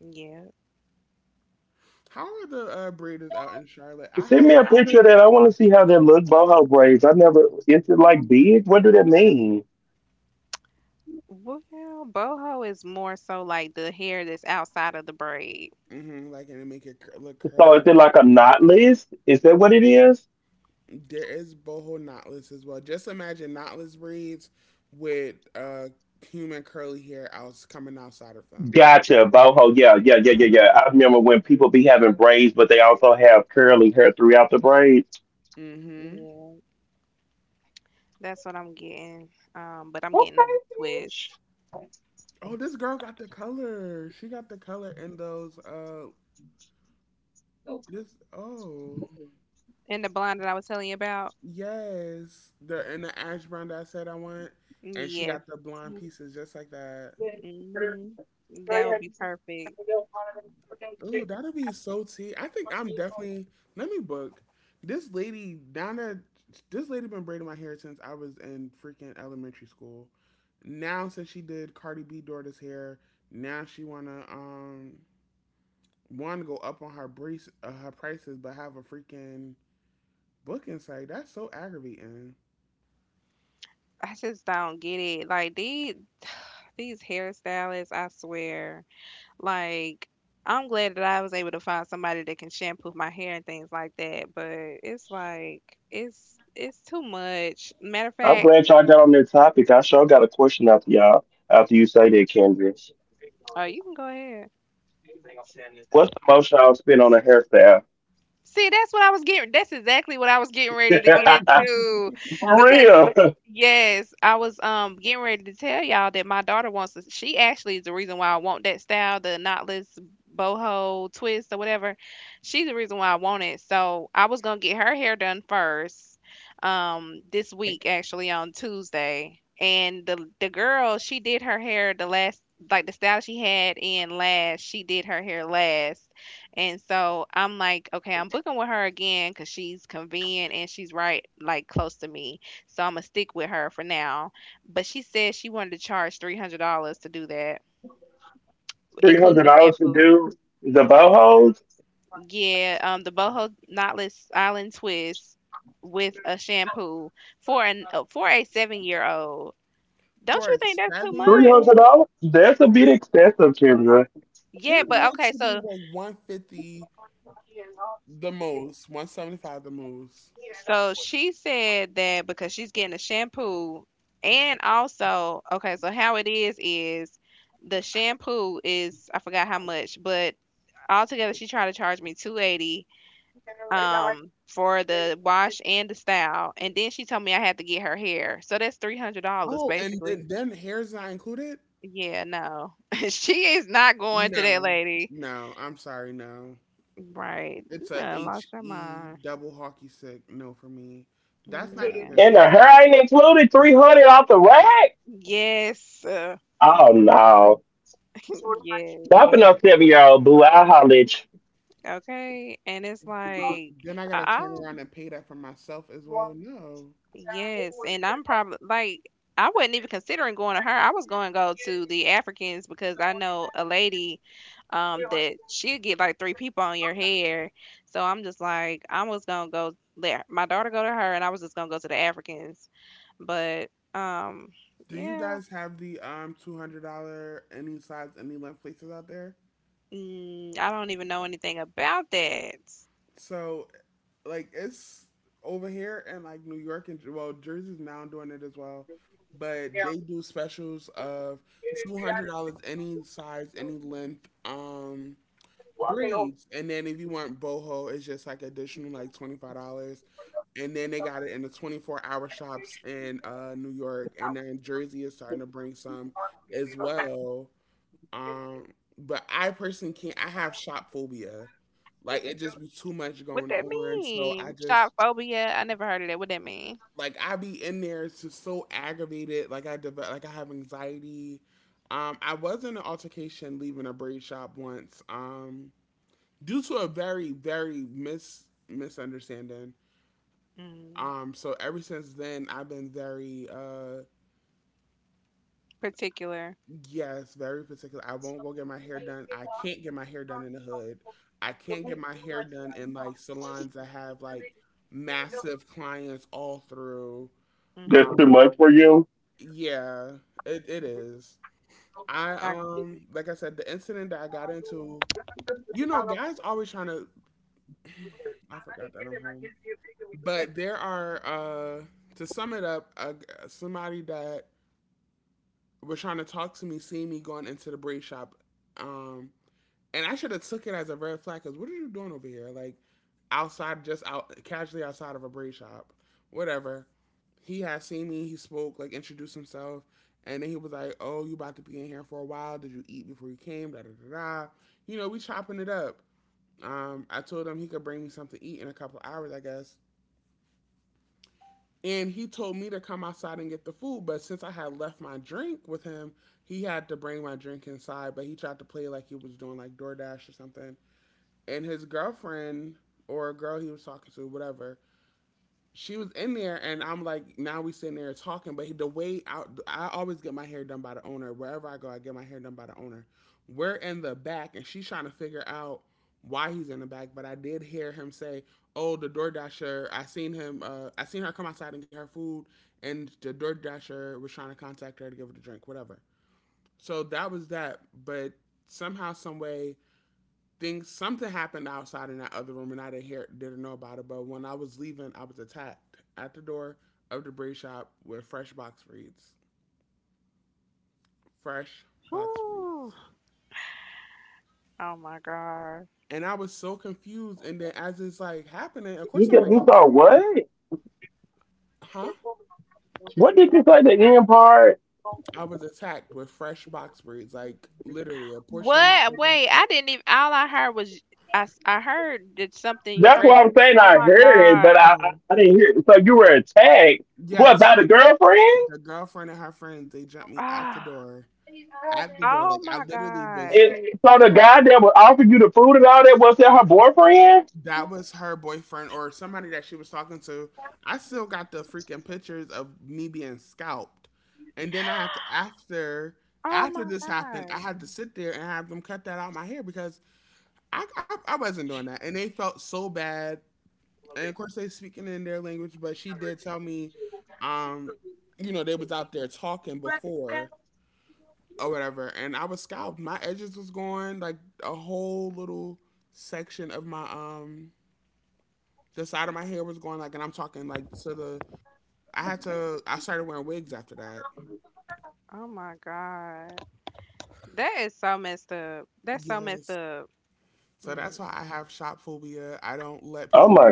[SPEAKER 2] Yeah.
[SPEAKER 1] How are the braiders out in Charlotte? I have
[SPEAKER 2] Well, boho is more so like the hair that's outside of the braid.
[SPEAKER 1] mm-hmm, like and it make it look curly. There is boho knotless as well. Just imagine knotless braids with human curly hair out coming outside of them.
[SPEAKER 2] Mhm.
[SPEAKER 1] Mm-hmm.
[SPEAKER 2] Yeah, that's what I'm getting. But I'm getting them in twists.
[SPEAKER 1] Oh, this girl got the color. She got the color in those. This. Oh,
[SPEAKER 2] And the blonde that I was telling you about?
[SPEAKER 1] yes. The in the ash brown that I said I want, and she
[SPEAKER 2] Yes.
[SPEAKER 1] got the blonde pieces just like that.
[SPEAKER 2] Hmm. That would be perfect.
[SPEAKER 1] Oh, that'll be so tea. I think I'm definitely let me book this lady down there. This lady been braiding my hair since I was in freaking elementary school. Now since she did Cardi B daughter's hair, now she wanna want to go up on her brace her prices, but have a freaking booking site. That's so aggravating
[SPEAKER 2] I just don't get it. Like these hairstylists, I swear. Like I'm glad that I was able to find somebody that can shampoo my hair and things like that, but it's like it's too much. Matter of fact, oh, you can go ahead. See, that's what I was getting. That's exactly what I was getting ready to get into, because yes, I was getting ready to tell y'all that my daughter wants to. She actually is the reason why I want that style, the knotless boho twist or whatever. She's the reason why I want it. So I was gonna get her hair done first, this week, actually on Tuesday. And the girl, she did her hair the last like the style she had in last. She did her hair last, and so I'm like, okay, I'm booking with her again because she's convenient and she's right like close to me. So I'm gonna stick with her for now. But she said she wanted to charge $300 to do that, including the shampoo. Yeah, the boho knotless island twist with a shampoo for an for a 7 year old. Don't
[SPEAKER 1] for
[SPEAKER 2] you
[SPEAKER 1] a
[SPEAKER 2] think that's too
[SPEAKER 1] 7 year
[SPEAKER 2] much?
[SPEAKER 1] old.
[SPEAKER 2] Yeah,
[SPEAKER 1] Kid
[SPEAKER 2] but
[SPEAKER 1] braids
[SPEAKER 2] okay,
[SPEAKER 1] should be
[SPEAKER 2] so
[SPEAKER 1] like 150 the most, 175 the most.
[SPEAKER 2] so she said that because she's getting a shampoo, and also okay, how it is the shampoo is I forgot how much, but altogether she tried to charge me 280 for the wash and the style, and then she told me I had to get her hair, so that's $300
[SPEAKER 1] Oh, and
[SPEAKER 2] basically.
[SPEAKER 1] then hair's not included.
[SPEAKER 2] Yeah, no. She is not going to that
[SPEAKER 1] No,
[SPEAKER 2] lady.
[SPEAKER 1] no, I'm sorry, no.
[SPEAKER 2] Right.
[SPEAKER 1] It's a
[SPEAKER 2] Yeah, lost
[SPEAKER 1] H
[SPEAKER 2] your
[SPEAKER 1] E
[SPEAKER 2] mind.
[SPEAKER 1] double hockey stick. No, for me, that's not even
[SPEAKER 2] Yeah.
[SPEAKER 1] food.
[SPEAKER 2] Yes, yeah. Okay, and it's like,
[SPEAKER 1] Then I gotta turn
[SPEAKER 2] uh-uh.
[SPEAKER 1] around and pay that for myself as well. No.
[SPEAKER 2] Yes, and I'm probably like I wasn't even considering going to her. I was going to go to the Africans because I know a lady that she'll get like three people on your hair. So I'm just like I was gonna go let my daughter go to her, and I was just gonna go to the Africans. But
[SPEAKER 1] Do you
[SPEAKER 2] Yeah,
[SPEAKER 1] guys have the $200 any size any length places out there?
[SPEAKER 2] mm, I don't even know anything about that.
[SPEAKER 1] So like it's over here in like New York and well Jersey's now doing it as well, but they do specials of $200 any size any length. Braids. And then if you want boho, it's just like additional like $25. And then they got it in the 24 hour shops in New York, and then Jersey is starting to bring some as well. Um, but I personally can't. I have shop phobia. Like it just be too much
[SPEAKER 2] What
[SPEAKER 1] going
[SPEAKER 2] that
[SPEAKER 1] on, so I
[SPEAKER 2] mean?
[SPEAKER 1] just
[SPEAKER 2] Shop phobia? I never heard of that. What that mean?
[SPEAKER 1] like I be in there it's just so aggravated. Like I develop, like I have anxiety. I was in an altercation leaving a braid shop once. Due to a very very misunderstanding.
[SPEAKER 2] Mm,
[SPEAKER 1] So ever since then, I've been very
[SPEAKER 2] particular.
[SPEAKER 1] yes, very particular. I won't go get my hair done. I can't get my hair done in the hood. I can't get my hair done in like salons that have like massive clients all through. Um,
[SPEAKER 2] Mm-hmm.
[SPEAKER 1] yeah, it is. I
[SPEAKER 2] Like,
[SPEAKER 1] like I said, the incident that I got into, you know, guys always trying to. I forgot that I'm home. But there are, to sum it up, somebody that was trying to talk to me, seeing me going into the braid shop, um, and I should have took it as a red flag. Cause what are you doing over here? Like outside, just out casually outside of a braid shop, whatever. He had seen me. He spoke, like introduced himself, and then he was like, "Oh, you about to be in here for a while? Did you eat before you came? Da da da da." You know, we chopping it up. I told him he could bring me something to eat in a couple of hours, I guess. And he told me to come outside and get the food, but since I had left my drink with him, he had to bring my drink inside. But he tried to play like he was doing like DoorDash or something. And his girlfriend or a girl he was talking to, whatever, she was in there, and I'm like, now we sitting there talking. But the way I always get my hair done by the owner. Wherever I go, I get my hair done by the owner. We're in the back, and she's trying to figure out why he's in the back. But I did hear him say, "Oh, the door dasher. I seen him. I seen her come outside and get her food, and the door dasher was trying to contact her to give her the drink, whatever." So that was that. But somehow, some way, things something happened outside in that other room and I didn't know about it. But when I was leaving, I was attacked at the door of the braid shop with fresh box reads. Fresh box
[SPEAKER 2] whew.
[SPEAKER 1] reads.
[SPEAKER 2] Oh my God.
[SPEAKER 1] And I was so confused. And then as it's like happening, of course I'm like, huh? I was attacked with fresh box braids, like literally a portion of my
[SPEAKER 2] What?
[SPEAKER 1] organs.
[SPEAKER 2] Wait, I didn't even. All I heard was I heard that something fresh. Oh my God.
[SPEAKER 1] Oh. Yes. The girlfriend and her friends, they jumped me at the
[SPEAKER 2] Ah.
[SPEAKER 1] door. At the door.
[SPEAKER 2] Oh
[SPEAKER 1] Like I
[SPEAKER 2] my
[SPEAKER 1] literally
[SPEAKER 2] God.
[SPEAKER 1] was that was her boyfriend or somebody that she was talking to. I still got the freaking pictures of me being scalped. And then I had to
[SPEAKER 2] Oh
[SPEAKER 1] after
[SPEAKER 2] my
[SPEAKER 1] this happened, I
[SPEAKER 2] God.
[SPEAKER 1] had to sit there and have them cut that out of my hair because I wasn't doing that. And they felt so bad. And of course they speaking in their language, but she did tell me, um, you know, they was out there talking before or whatever, and I was scalped. My edges was going like a whole little section of my the side of my hair was going like, and I'm talking like to the. I had to. I started wearing wigs after that.
[SPEAKER 2] Oh my God. That is so messed up. That's so messed
[SPEAKER 1] Yes.
[SPEAKER 2] up.
[SPEAKER 1] So that's why I
[SPEAKER 2] Mm-mm.
[SPEAKER 1] have shop phobia. I don't let people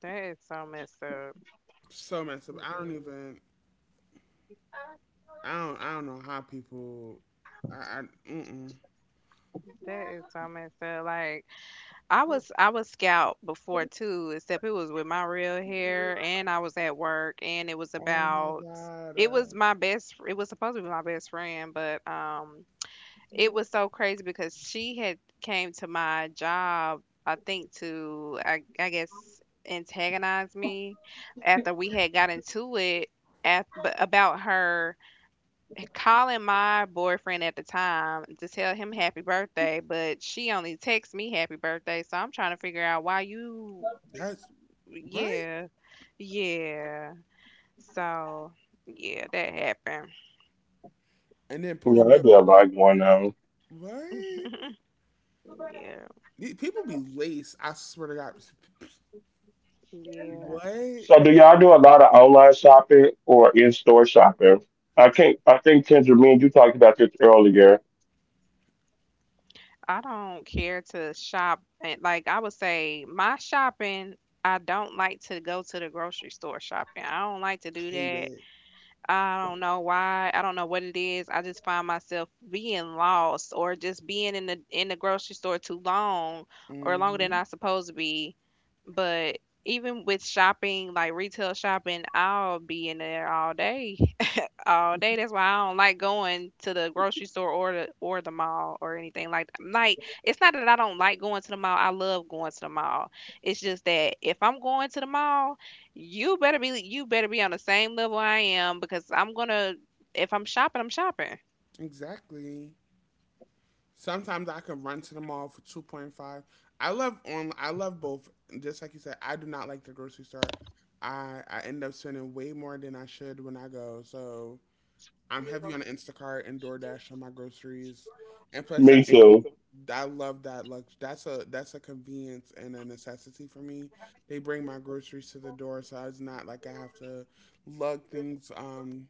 [SPEAKER 2] That is so messed up.
[SPEAKER 1] so messed up. I don't
[SPEAKER 2] Mm-mm.
[SPEAKER 1] even. I don't. I don't know how people. I. Mm-mm.
[SPEAKER 2] That is so messed up. Like, I was scout before too, except it was with my real hair and I was at work and it was
[SPEAKER 1] Oh my
[SPEAKER 2] about
[SPEAKER 1] god.
[SPEAKER 2] it was supposed to be my best friend, but it was so crazy because she had came to my job I think to, I guess, antagonize me after we had got into it at, but about her calling my boyfriend at the time to tell him happy birthday, but she only texts me happy birthday. So I'm trying to figure out why you,
[SPEAKER 1] That's right.
[SPEAKER 2] yeah, yeah. So yeah, that happened.
[SPEAKER 1] And then pulled up. To, what?
[SPEAKER 2] Yeah,
[SPEAKER 1] These People be lace. I swear to God.
[SPEAKER 2] yeah.
[SPEAKER 1] What?
[SPEAKER 2] I don't care to shop. And like I would say, my shopping, I don't like to go to the grocery store shopping. I don't like to do
[SPEAKER 1] Hate
[SPEAKER 2] that.
[SPEAKER 1] it.
[SPEAKER 2] I don't know why. I don't know what it is. I just find myself being lost or just being in the grocery store too long or longer than I'm
[SPEAKER 1] Hmm.
[SPEAKER 2] supposed to be. But even with shopping, like retail shopping, I'll be in there all day all day. That's why I don't like going to the grocery store or the mall or anything like that. Like it's not that I don't like going to the mall. I love going to the mall. It's just that if I'm going to the mall, you better be on the same level I am because I'm gonna if I'm shopping, I'm shopping.
[SPEAKER 1] Exactly. Sometimes I can run to the mall for 2.5. I love on. I love both. Just like you said, I do not like the grocery store. I end up spending way more than I should when I go. So I'm heavy on Instacart and DoorDash on my groceries, and plus that's I love that lux. That's a convenience and a necessity for me. They bring my groceries to the door, so it's not like I have to lug things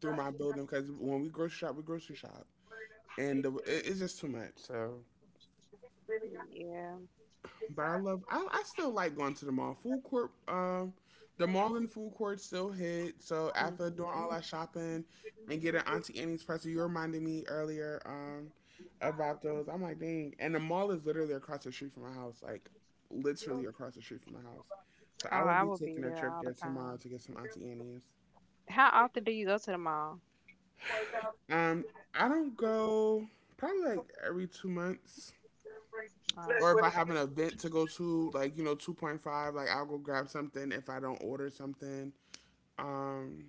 [SPEAKER 1] through my building. Because when we grocery shop and it's just too much. So,
[SPEAKER 2] Yeah.
[SPEAKER 1] but I love. I still like going to the mall. Food court. The mall and food court still hit. So after doing
[SPEAKER 2] hmm
[SPEAKER 1] all that shopping and getting Auntie Annie's pretzel, you reminded me earlier. About those. I'm like, dang. And the mall is literally across the street from my house. Like, literally across the street from my house. So
[SPEAKER 2] Oh,
[SPEAKER 1] I will
[SPEAKER 2] I
[SPEAKER 1] be
[SPEAKER 2] will be
[SPEAKER 1] taking a
[SPEAKER 2] there
[SPEAKER 1] trip
[SPEAKER 2] all the
[SPEAKER 1] there tomorrow
[SPEAKER 2] time.
[SPEAKER 1] to get some Auntie Annie's.
[SPEAKER 2] How often do you go to the mall?
[SPEAKER 1] Um, I don't go probably like every 2 months. Or
[SPEAKER 2] Oh.
[SPEAKER 1] if I have an event to go to, like you know, 2.5, like I'll go grab something if I don't order something. Um,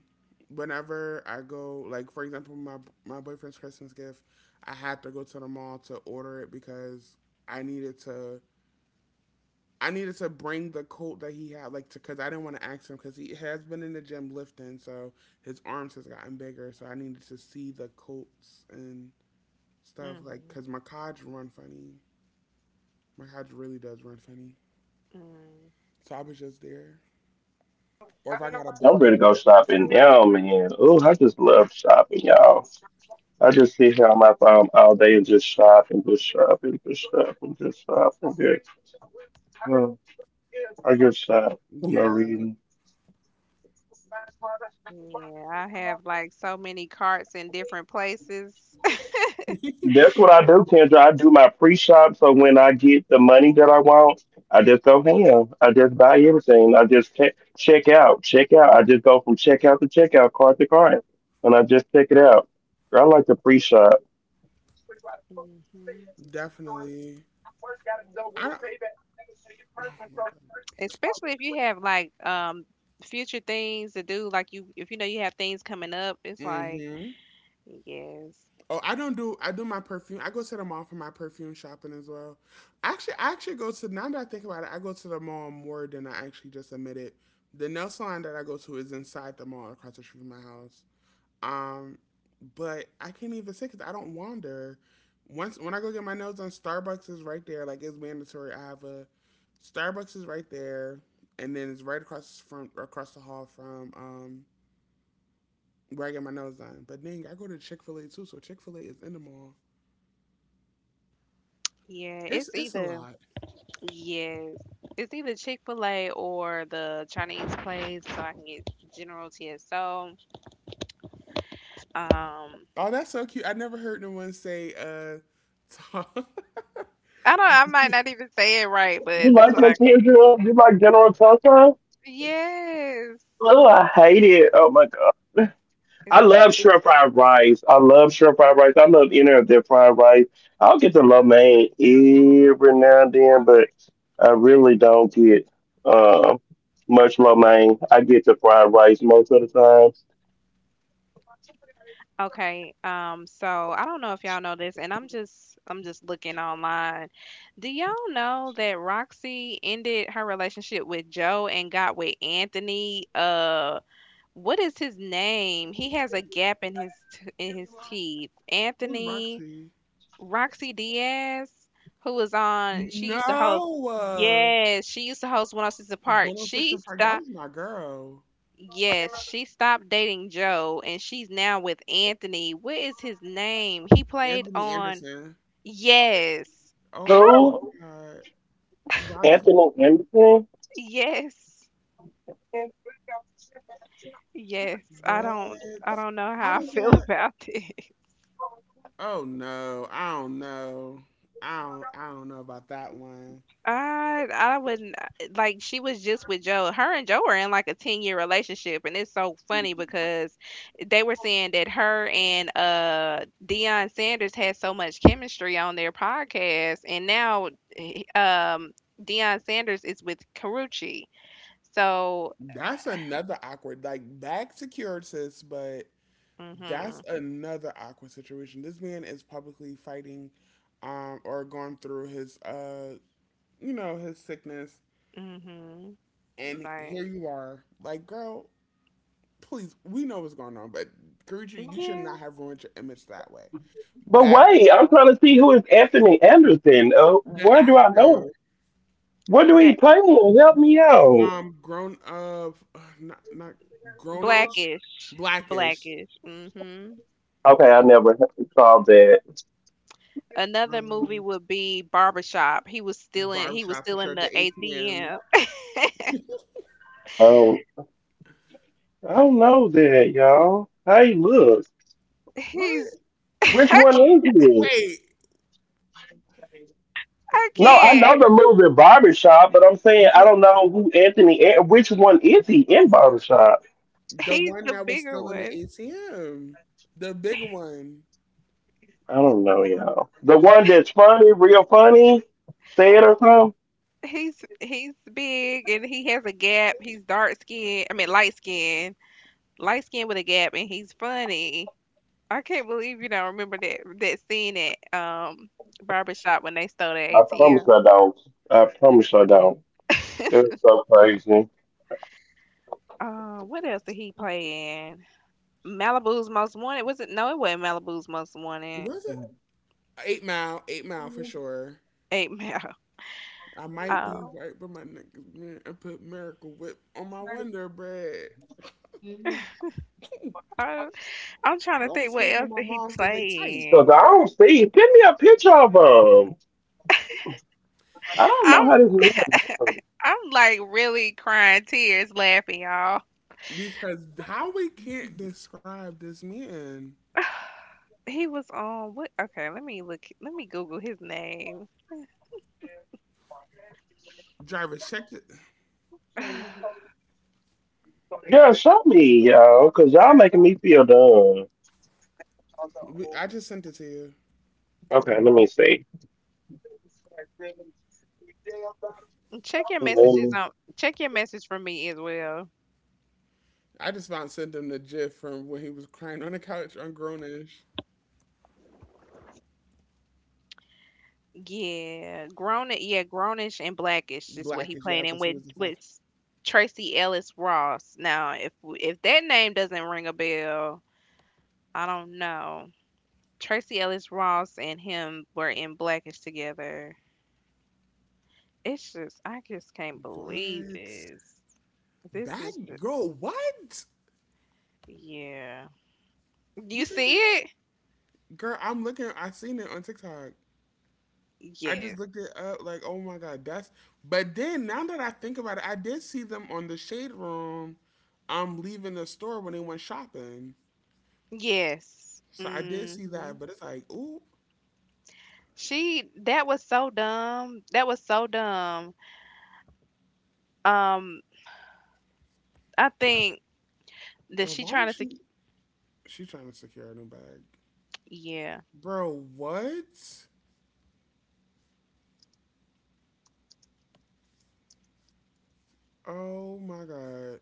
[SPEAKER 1] whenever I go, like for example, my boyfriend's Christmas gift, I had to go to the mall to order it because I needed to. I needed to bring the coat that he had, like, because I didn't want to ask him because he has been in the gym lifting, so his arms has gotten bigger. So I needed to see the coats and stuff, like,
[SPEAKER 2] hmm
[SPEAKER 1] because my codge run funny. My codge really does run funny.
[SPEAKER 2] Mm.
[SPEAKER 1] So I was just there. Or if I got a birthday to go to. Yeah,
[SPEAKER 2] Yeah, I have like so many carts in different places. hmm
[SPEAKER 1] definitely. I don't, oh my god.
[SPEAKER 2] especially if you have like future things to do, like you, if you know you have things coming up, it's like
[SPEAKER 1] Mm-hmm.
[SPEAKER 2] yes.
[SPEAKER 1] Oh, I don't do I do my perfume. I go to the mall for my perfume shopping as well. Actually, I actually go to now that I think about it, I go to the mall more than I actually just admit it. The nail salon that I go to is inside the mall across the street from my house. Um, but I can't even say because I don't wander. Once when I go get my nails done, Starbucks is right there. Like it's mandatory. I have a Starbucks is right there, and then it's right across from across the hall from where I get my nails done. But then I go to Chick Fil A too, so Chick Fil A is in the mall.
[SPEAKER 2] Yeah, it's
[SPEAKER 1] It's a
[SPEAKER 2] either
[SPEAKER 1] lot.
[SPEAKER 2] yes, it's either Chick-fil-A or the Chinese place, so I can get general tso. um i
[SPEAKER 1] Oh, that's so cute. I never heard no one say. Talk.
[SPEAKER 2] don't I might not even say it right, but that's what I, yes, it's good. Okay, so I don't know if y'all know this, and I'm just looking online. Do y'all know that Roxy ended her relationship with Joe and got with Anthony? What is his name? He has a gap in in his teeth.
[SPEAKER 1] Who's
[SPEAKER 2] Anthony.
[SPEAKER 1] Roxy?
[SPEAKER 2] Roxy Diaz, who was on, she used to host.
[SPEAKER 1] No,
[SPEAKER 2] Yes, she used to host One oh Six Apart.
[SPEAKER 1] 106
[SPEAKER 2] She
[SPEAKER 1] in Park. That
[SPEAKER 2] stopped.
[SPEAKER 1] was my girl,
[SPEAKER 2] Yes, she stopped dating Joe and she's now with Anthony. What is his name? He played
[SPEAKER 1] Anthony
[SPEAKER 2] on.
[SPEAKER 1] Anderson.
[SPEAKER 2] Yes.
[SPEAKER 1] Oh my god. Roxy
[SPEAKER 2] Yes. Yes. I
[SPEAKER 1] what?
[SPEAKER 2] don't I don't know
[SPEAKER 1] How
[SPEAKER 2] how I
[SPEAKER 1] does
[SPEAKER 2] feel
[SPEAKER 1] that
[SPEAKER 2] about this.
[SPEAKER 1] oh no, I don't know. I don't know about that one.
[SPEAKER 2] I wouldn't like, she was just with Joe. Her and Joe are in like a 10-year relationship and it's so funny because they were saying that her and Deion Sanders had so much chemistry on their podcast and now he- um Deion Sanders is with Karuchi. So,
[SPEAKER 1] That's another awkward like back secured sis, but that's
[SPEAKER 2] mhm.
[SPEAKER 1] another awkward situation. This man is publicly fighting or going through his his sickness,
[SPEAKER 2] Mhm.
[SPEAKER 1] and here
[SPEAKER 2] Like,
[SPEAKER 1] you are. Like, girl, please, we know what's going on, but Karuchi, you should
[SPEAKER 2] yeah.
[SPEAKER 1] not have ruined your image that way. The actor,
[SPEAKER 2] That
[SPEAKER 1] grown of not not grownish,
[SPEAKER 2] blackish,
[SPEAKER 1] blackish,
[SPEAKER 2] blackish. Mhm. Another movie
[SPEAKER 1] um,
[SPEAKER 2] would be Barbershop. He was still in he was
[SPEAKER 1] barbershop for
[SPEAKER 2] still
[SPEAKER 1] sure.
[SPEAKER 2] in the
[SPEAKER 1] The ATM.
[SPEAKER 2] ATM. He's
[SPEAKER 1] What?
[SPEAKER 2] I
[SPEAKER 1] Wait,
[SPEAKER 2] I
[SPEAKER 1] Anthony?
[SPEAKER 2] can't.
[SPEAKER 1] No, the
[SPEAKER 2] He's
[SPEAKER 1] one
[SPEAKER 2] the
[SPEAKER 1] that was
[SPEAKER 2] bigger
[SPEAKER 1] still in the
[SPEAKER 2] one.
[SPEAKER 1] ATM, the bigger one.
[SPEAKER 2] He's big and he has a gap. He's dark skinned. I mean light skinned. Light skinned with a gap and he's funny. I can't believe you don't remember that scene at barbershop when they stole the ATM. What else did he play in? Malibu's Most Wanted. Was it no, it wasn't Malibu's Most Wanted.
[SPEAKER 1] Was it Eight Mile? Eight Mile for sure.
[SPEAKER 2] Eight Mile.
[SPEAKER 1] I might be
[SPEAKER 2] Oh.
[SPEAKER 1] right but my neck is bent, put Miracle Whip on my Wonder Bread.
[SPEAKER 2] Uh, I'm trying to
[SPEAKER 1] Y'all
[SPEAKER 2] think
[SPEAKER 1] was
[SPEAKER 2] what
[SPEAKER 1] hating on
[SPEAKER 2] else
[SPEAKER 1] my
[SPEAKER 2] did he
[SPEAKER 1] moms because they tight.
[SPEAKER 2] play in. I'm I'm like really crying tears laughing, y'all.
[SPEAKER 1] Because how we can't describe this man.
[SPEAKER 2] He was on what? Okay, let me look. Let me Google his name.
[SPEAKER 1] Driver, check it. I just sent it to you.
[SPEAKER 2] Check your messages on. Check your message for me as well.
[SPEAKER 1] I just found sent him the gif from when he was crying on the couch on Grownish.
[SPEAKER 2] Yeah, grown. Yeah, grownish and blackish is what
[SPEAKER 1] Black
[SPEAKER 2] he
[SPEAKER 1] is, yeah,
[SPEAKER 2] played in
[SPEAKER 1] because he was the father.
[SPEAKER 2] with Tracy Ellis Ross. Now, if that name doesn't ring a bell, I don't know. Tracy Ellis Ross and him were in Blackish together. It's just I just can't believe
[SPEAKER 1] What?
[SPEAKER 2] this. This is
[SPEAKER 1] Bad
[SPEAKER 2] just,
[SPEAKER 1] girl, what?
[SPEAKER 2] yeah. You
[SPEAKER 1] You think
[SPEAKER 2] see
[SPEAKER 1] that
[SPEAKER 2] it?
[SPEAKER 1] girl? I'm looking. I seen it on TikTok. I
[SPEAKER 2] Yes.
[SPEAKER 1] just looked it up. Like, oh my god, that's. But then now that I think about it, I did see them on the Shade Room. I'm leaving the store when they went shopping.
[SPEAKER 2] Yes.
[SPEAKER 1] So I did
[SPEAKER 2] hmm
[SPEAKER 1] see that, but it's like, ooh,
[SPEAKER 2] She, that was so dumb. That was so dumb. Um, I think that
[SPEAKER 1] but
[SPEAKER 2] she
[SPEAKER 1] why
[SPEAKER 2] trying
[SPEAKER 1] was she trying to secure a new bag?
[SPEAKER 2] yeah,
[SPEAKER 1] Bro, what? Oh my god.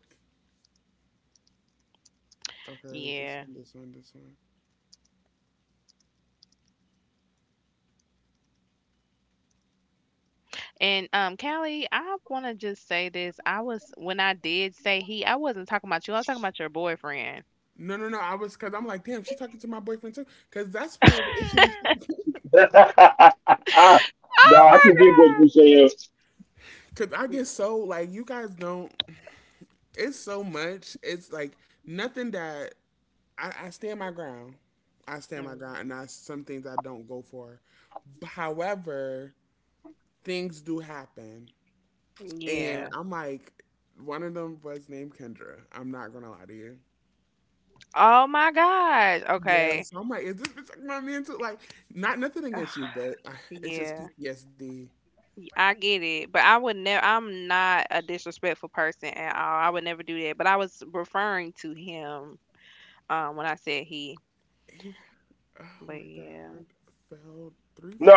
[SPEAKER 1] Okay, this
[SPEAKER 2] yeah.
[SPEAKER 1] one, this one, this one.
[SPEAKER 2] And Callie, I want to just say this. I was, when I did say he, I wasn't talking about you. I was talking about your boyfriend.
[SPEAKER 1] No, no, no. I was because I'm like, damn, she's talking to my boyfriend too. Because that's part of
[SPEAKER 2] Oh
[SPEAKER 1] the issue we. Because I
[SPEAKER 2] my
[SPEAKER 1] get so like, you guys don't. It's so much. It's like nothing that I stand my ground. I stand
[SPEAKER 2] god.
[SPEAKER 1] my ground, and I some things I don't go for. However, things do happen.
[SPEAKER 2] Mm,
[SPEAKER 1] And
[SPEAKER 2] yeah.
[SPEAKER 1] I'm like, one of them was named Kendra. I'm not gonna lie to you.
[SPEAKER 2] Oh my gosh. Okay.
[SPEAKER 1] Yes, I'm like, is this bitch like my man too? Like, not nothing against you, but it's just
[SPEAKER 2] Yeah,
[SPEAKER 1] PTSD.
[SPEAKER 2] I get it, but I would never. I'm not a disrespectful person at all. I would never do that. But I was referring to him, when I said he.
[SPEAKER 1] He, oh
[SPEAKER 2] But
[SPEAKER 1] my
[SPEAKER 2] yeah,
[SPEAKER 1] god, fell three. F-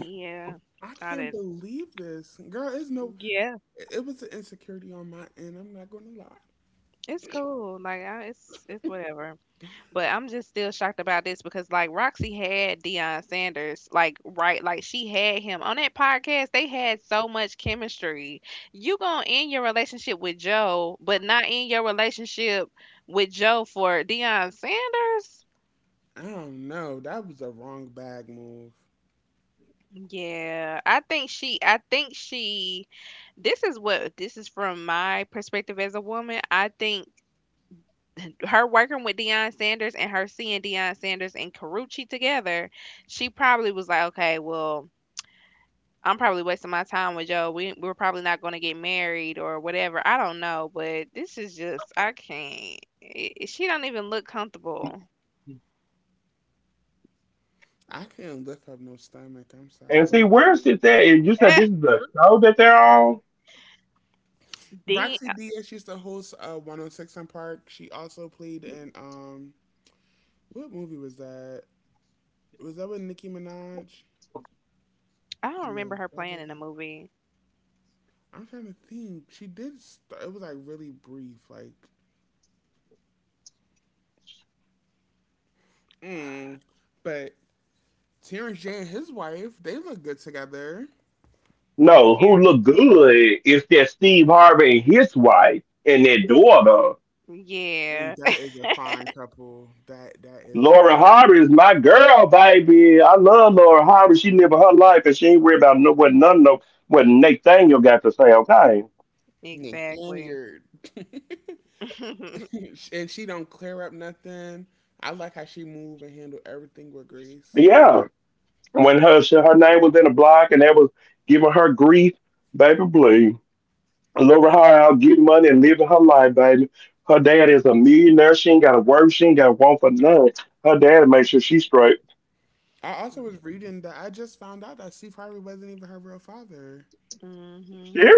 [SPEAKER 2] yeah,
[SPEAKER 1] I
[SPEAKER 2] I
[SPEAKER 1] can't
[SPEAKER 2] didn't.
[SPEAKER 1] believe this, girl. It's no,
[SPEAKER 2] Yeah,
[SPEAKER 1] it was an insecurity on my end. I'm not gonna lie.
[SPEAKER 2] it's cool. Like I, it's whatever. But I'm just still shocked about this because like Roxy had Deion Sanders like right, like she had him on that podcast. They had so much chemistry. You gonna end your relationship with Joe, but not end your relationship with Joe for Deion Sanders.
[SPEAKER 1] I don't know. That was a wrong bag move.
[SPEAKER 2] Yeah, I think she. I think she. This is what, this is from my perspective as a woman. I think her working with Deion Sanders and her seeing Deion Sanders and Carucci together, she probably was like, okay, well I'm probably wasting my time with Joe. We we're probably not going to get married or whatever. I don't know, but this is just I can't. She don't even look comfortable.
[SPEAKER 1] I can't lift up no stomach. I'm sorry.
[SPEAKER 2] Eh, Dean,
[SPEAKER 1] Roxy
[SPEAKER 2] I.
[SPEAKER 1] Diaz used to host 106 in Park. She also played in what movie was that? Was that with Nicki Minaj?
[SPEAKER 2] I don't remember
[SPEAKER 1] No,
[SPEAKER 2] her
[SPEAKER 1] that
[SPEAKER 2] playing in the
[SPEAKER 1] wasn't.
[SPEAKER 2] movie.
[SPEAKER 1] I'm trying to think. She did. St- it was like really brief, like. Mm. But Terrence J and his wife, they look good together.
[SPEAKER 2] Karen.
[SPEAKER 1] And
[SPEAKER 2] Yeah,
[SPEAKER 1] that is a fine couple. That that is a
[SPEAKER 2] exactly.
[SPEAKER 1] Spaniard. And she don't clear up nothing. I like how she move and handle everything with grace. I also was reading that I just found out that Steve Harvey wasn't even her real father.
[SPEAKER 2] hmm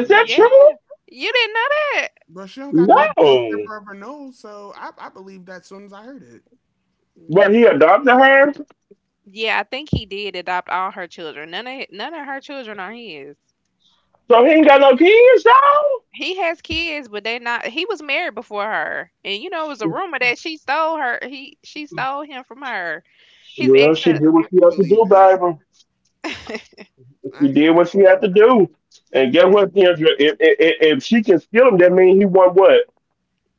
[SPEAKER 2] Yeah, you didn't know that.
[SPEAKER 1] Bro, she don't got that bell pepper of her nose, so I believe that as soon as I heard it.
[SPEAKER 2] Yeah, yeah. I think he did adopt all her children. None of none of her children are his. He has kids, but they not, he was married before her. And you know, it was a rumor that she stole her, he, she stole him from her. His
[SPEAKER 1] I could believe it. I could.
[SPEAKER 2] mhm.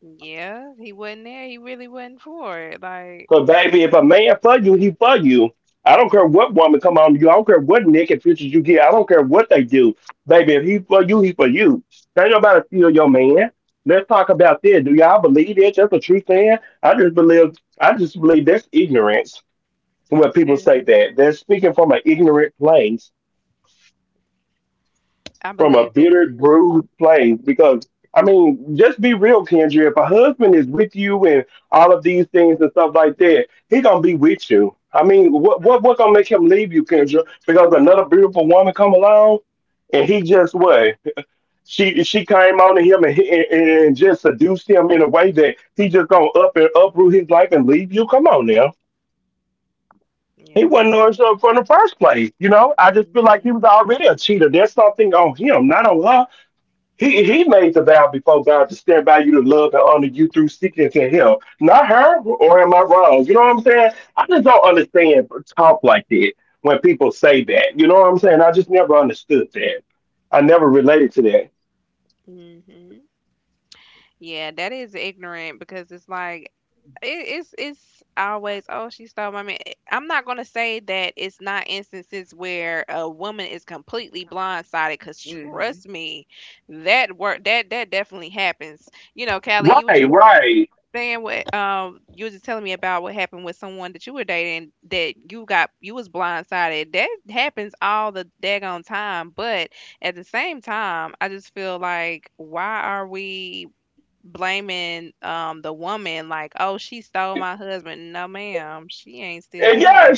[SPEAKER 2] Yeah, he wasn't there. He really wasn't for it. Like mm, that- I believe that. Yeah, no. hmm hmm Yeah, that is ignorant because it's like it's always, oh, she stole my man. I'm not gonna say that it's not instances where a woman is completely blindsided because
[SPEAKER 1] Mm-hmm.
[SPEAKER 2] trust me, that work that that definitely happens. You know, Callie, you were just saying what you were just telling me about what happened with someone that you were dating, that you got, you was blindsided. That happens all the daggone time, but at the same time, I just feel like why are we blaming the woman, like, "Oh, she stole my husband." No, ma'am, she ain't steal nothing.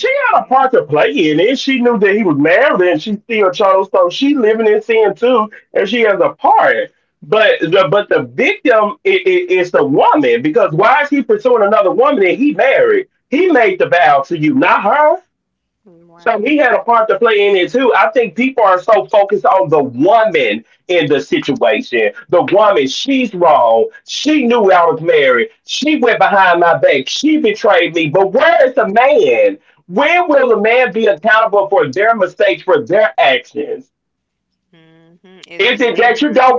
[SPEAKER 2] Right. Mhm. It's never.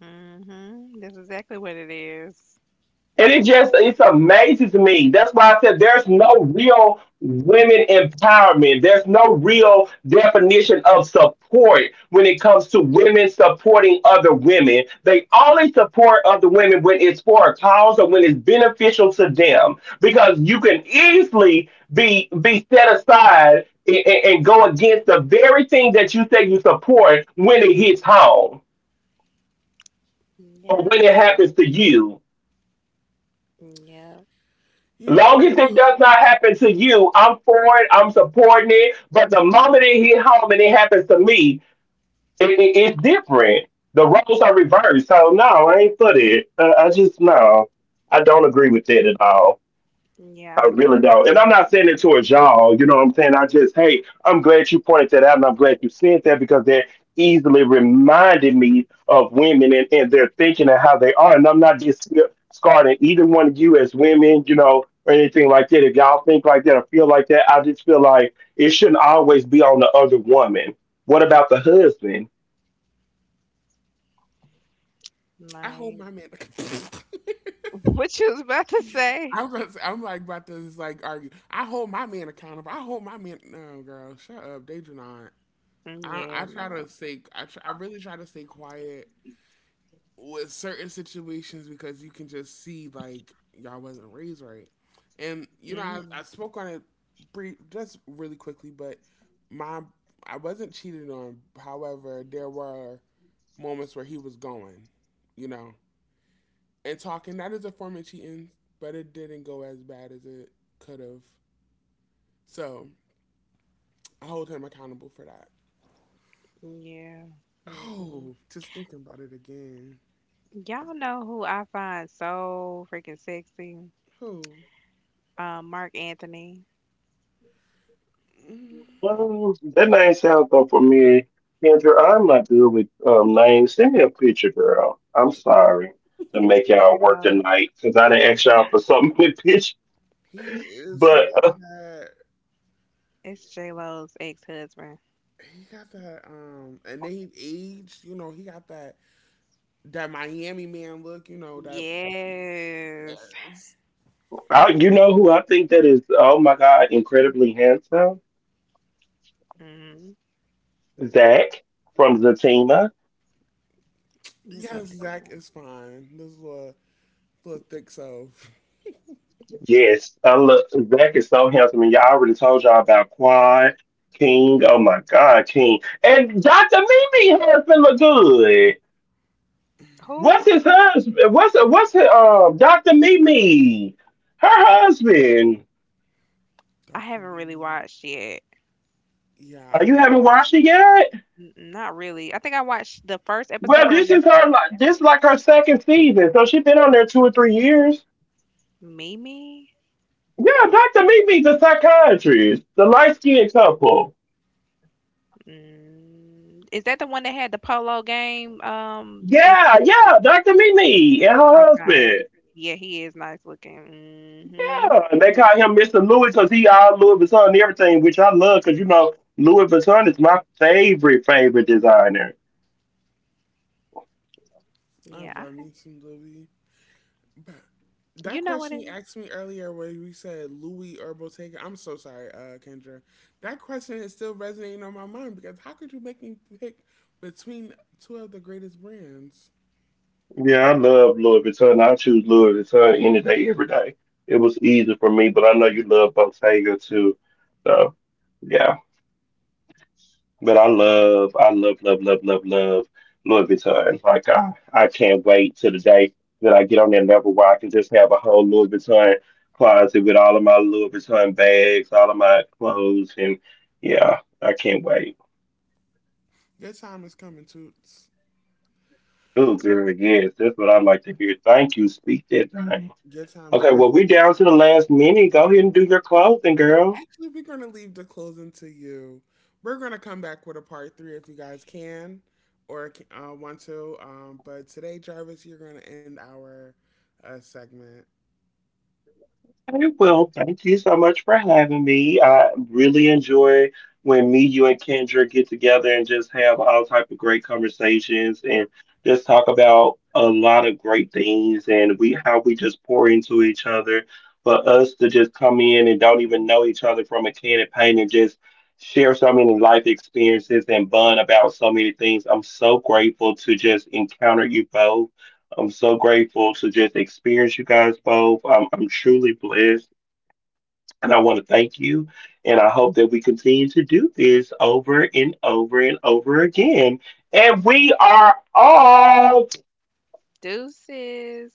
[SPEAKER 2] Mm Mhm. That's exactly what it is. Yep. Yep.
[SPEAKER 1] You know,
[SPEAKER 2] Yeah, I don't
[SPEAKER 1] I hold
[SPEAKER 2] like
[SPEAKER 1] my man.
[SPEAKER 2] what you was about to say.
[SPEAKER 1] Gonna say, I'm like about to just like argue. I hold my man accountable. I hold my man. No, girl, shut up. They do not.
[SPEAKER 2] Yeah,
[SPEAKER 1] I try
[SPEAKER 2] no.
[SPEAKER 1] to stay. I really try to stay quiet with certain situations because you can just see like y'all wasn't raised right. And you know, I
[SPEAKER 2] Mm,
[SPEAKER 1] spoke on it brief, just really quickly, but my I wasn't cheated on. However, there were moments where he was going, you know, and talking. That is a form of cheating, but it didn't go as bad as it could have. So I hold him accountable for that.
[SPEAKER 2] yeah. Mm-mm.
[SPEAKER 1] Oh, just thinking about it again.
[SPEAKER 2] Y'all know who I find so freaking sexy?
[SPEAKER 1] Oh.
[SPEAKER 2] Mark Anthony. It's J Lo.
[SPEAKER 1] He is. He got that.
[SPEAKER 2] It's J Lo's ex husband.
[SPEAKER 1] He got that. And then he aged. You know, he got that that Miami man look. You know that.
[SPEAKER 2] Yes.
[SPEAKER 1] Yes,
[SPEAKER 2] Mhm. It's a
[SPEAKER 1] yes.
[SPEAKER 2] teen
[SPEAKER 1] Zach
[SPEAKER 2] one.
[SPEAKER 1] is fine. This little little thick self.
[SPEAKER 2] Who? I
[SPEAKER 1] Doctor
[SPEAKER 2] haven't really
[SPEAKER 1] Louis.
[SPEAKER 2] watched yet.
[SPEAKER 1] Yeah, I'm.
[SPEAKER 2] N not really. I think I watched the first episode and that's it. Mimi? Mm, is that the one that had the polo game? It's okay. Yeah, he is nice looking. Hmm
[SPEAKER 1] I
[SPEAKER 2] Yeah.
[SPEAKER 1] love
[SPEAKER 2] I-.
[SPEAKER 1] me some Louis. But
[SPEAKER 2] You
[SPEAKER 1] that
[SPEAKER 2] know what
[SPEAKER 1] question
[SPEAKER 2] it
[SPEAKER 1] you
[SPEAKER 2] is.
[SPEAKER 1] asked me earlier, where we said Louis or Bottega. I'm so sorry, Kendra. That question is still resonating on my mind because how could you make me pick between two of the greatest brands? Your time is coming, Toots. Your time is definitely. Actually, we're going to leave the closing to you. We're going to come back with a part three if you guys can or want to. But today, Jarvis, you're going to end our segment.
[SPEAKER 2] Deuces.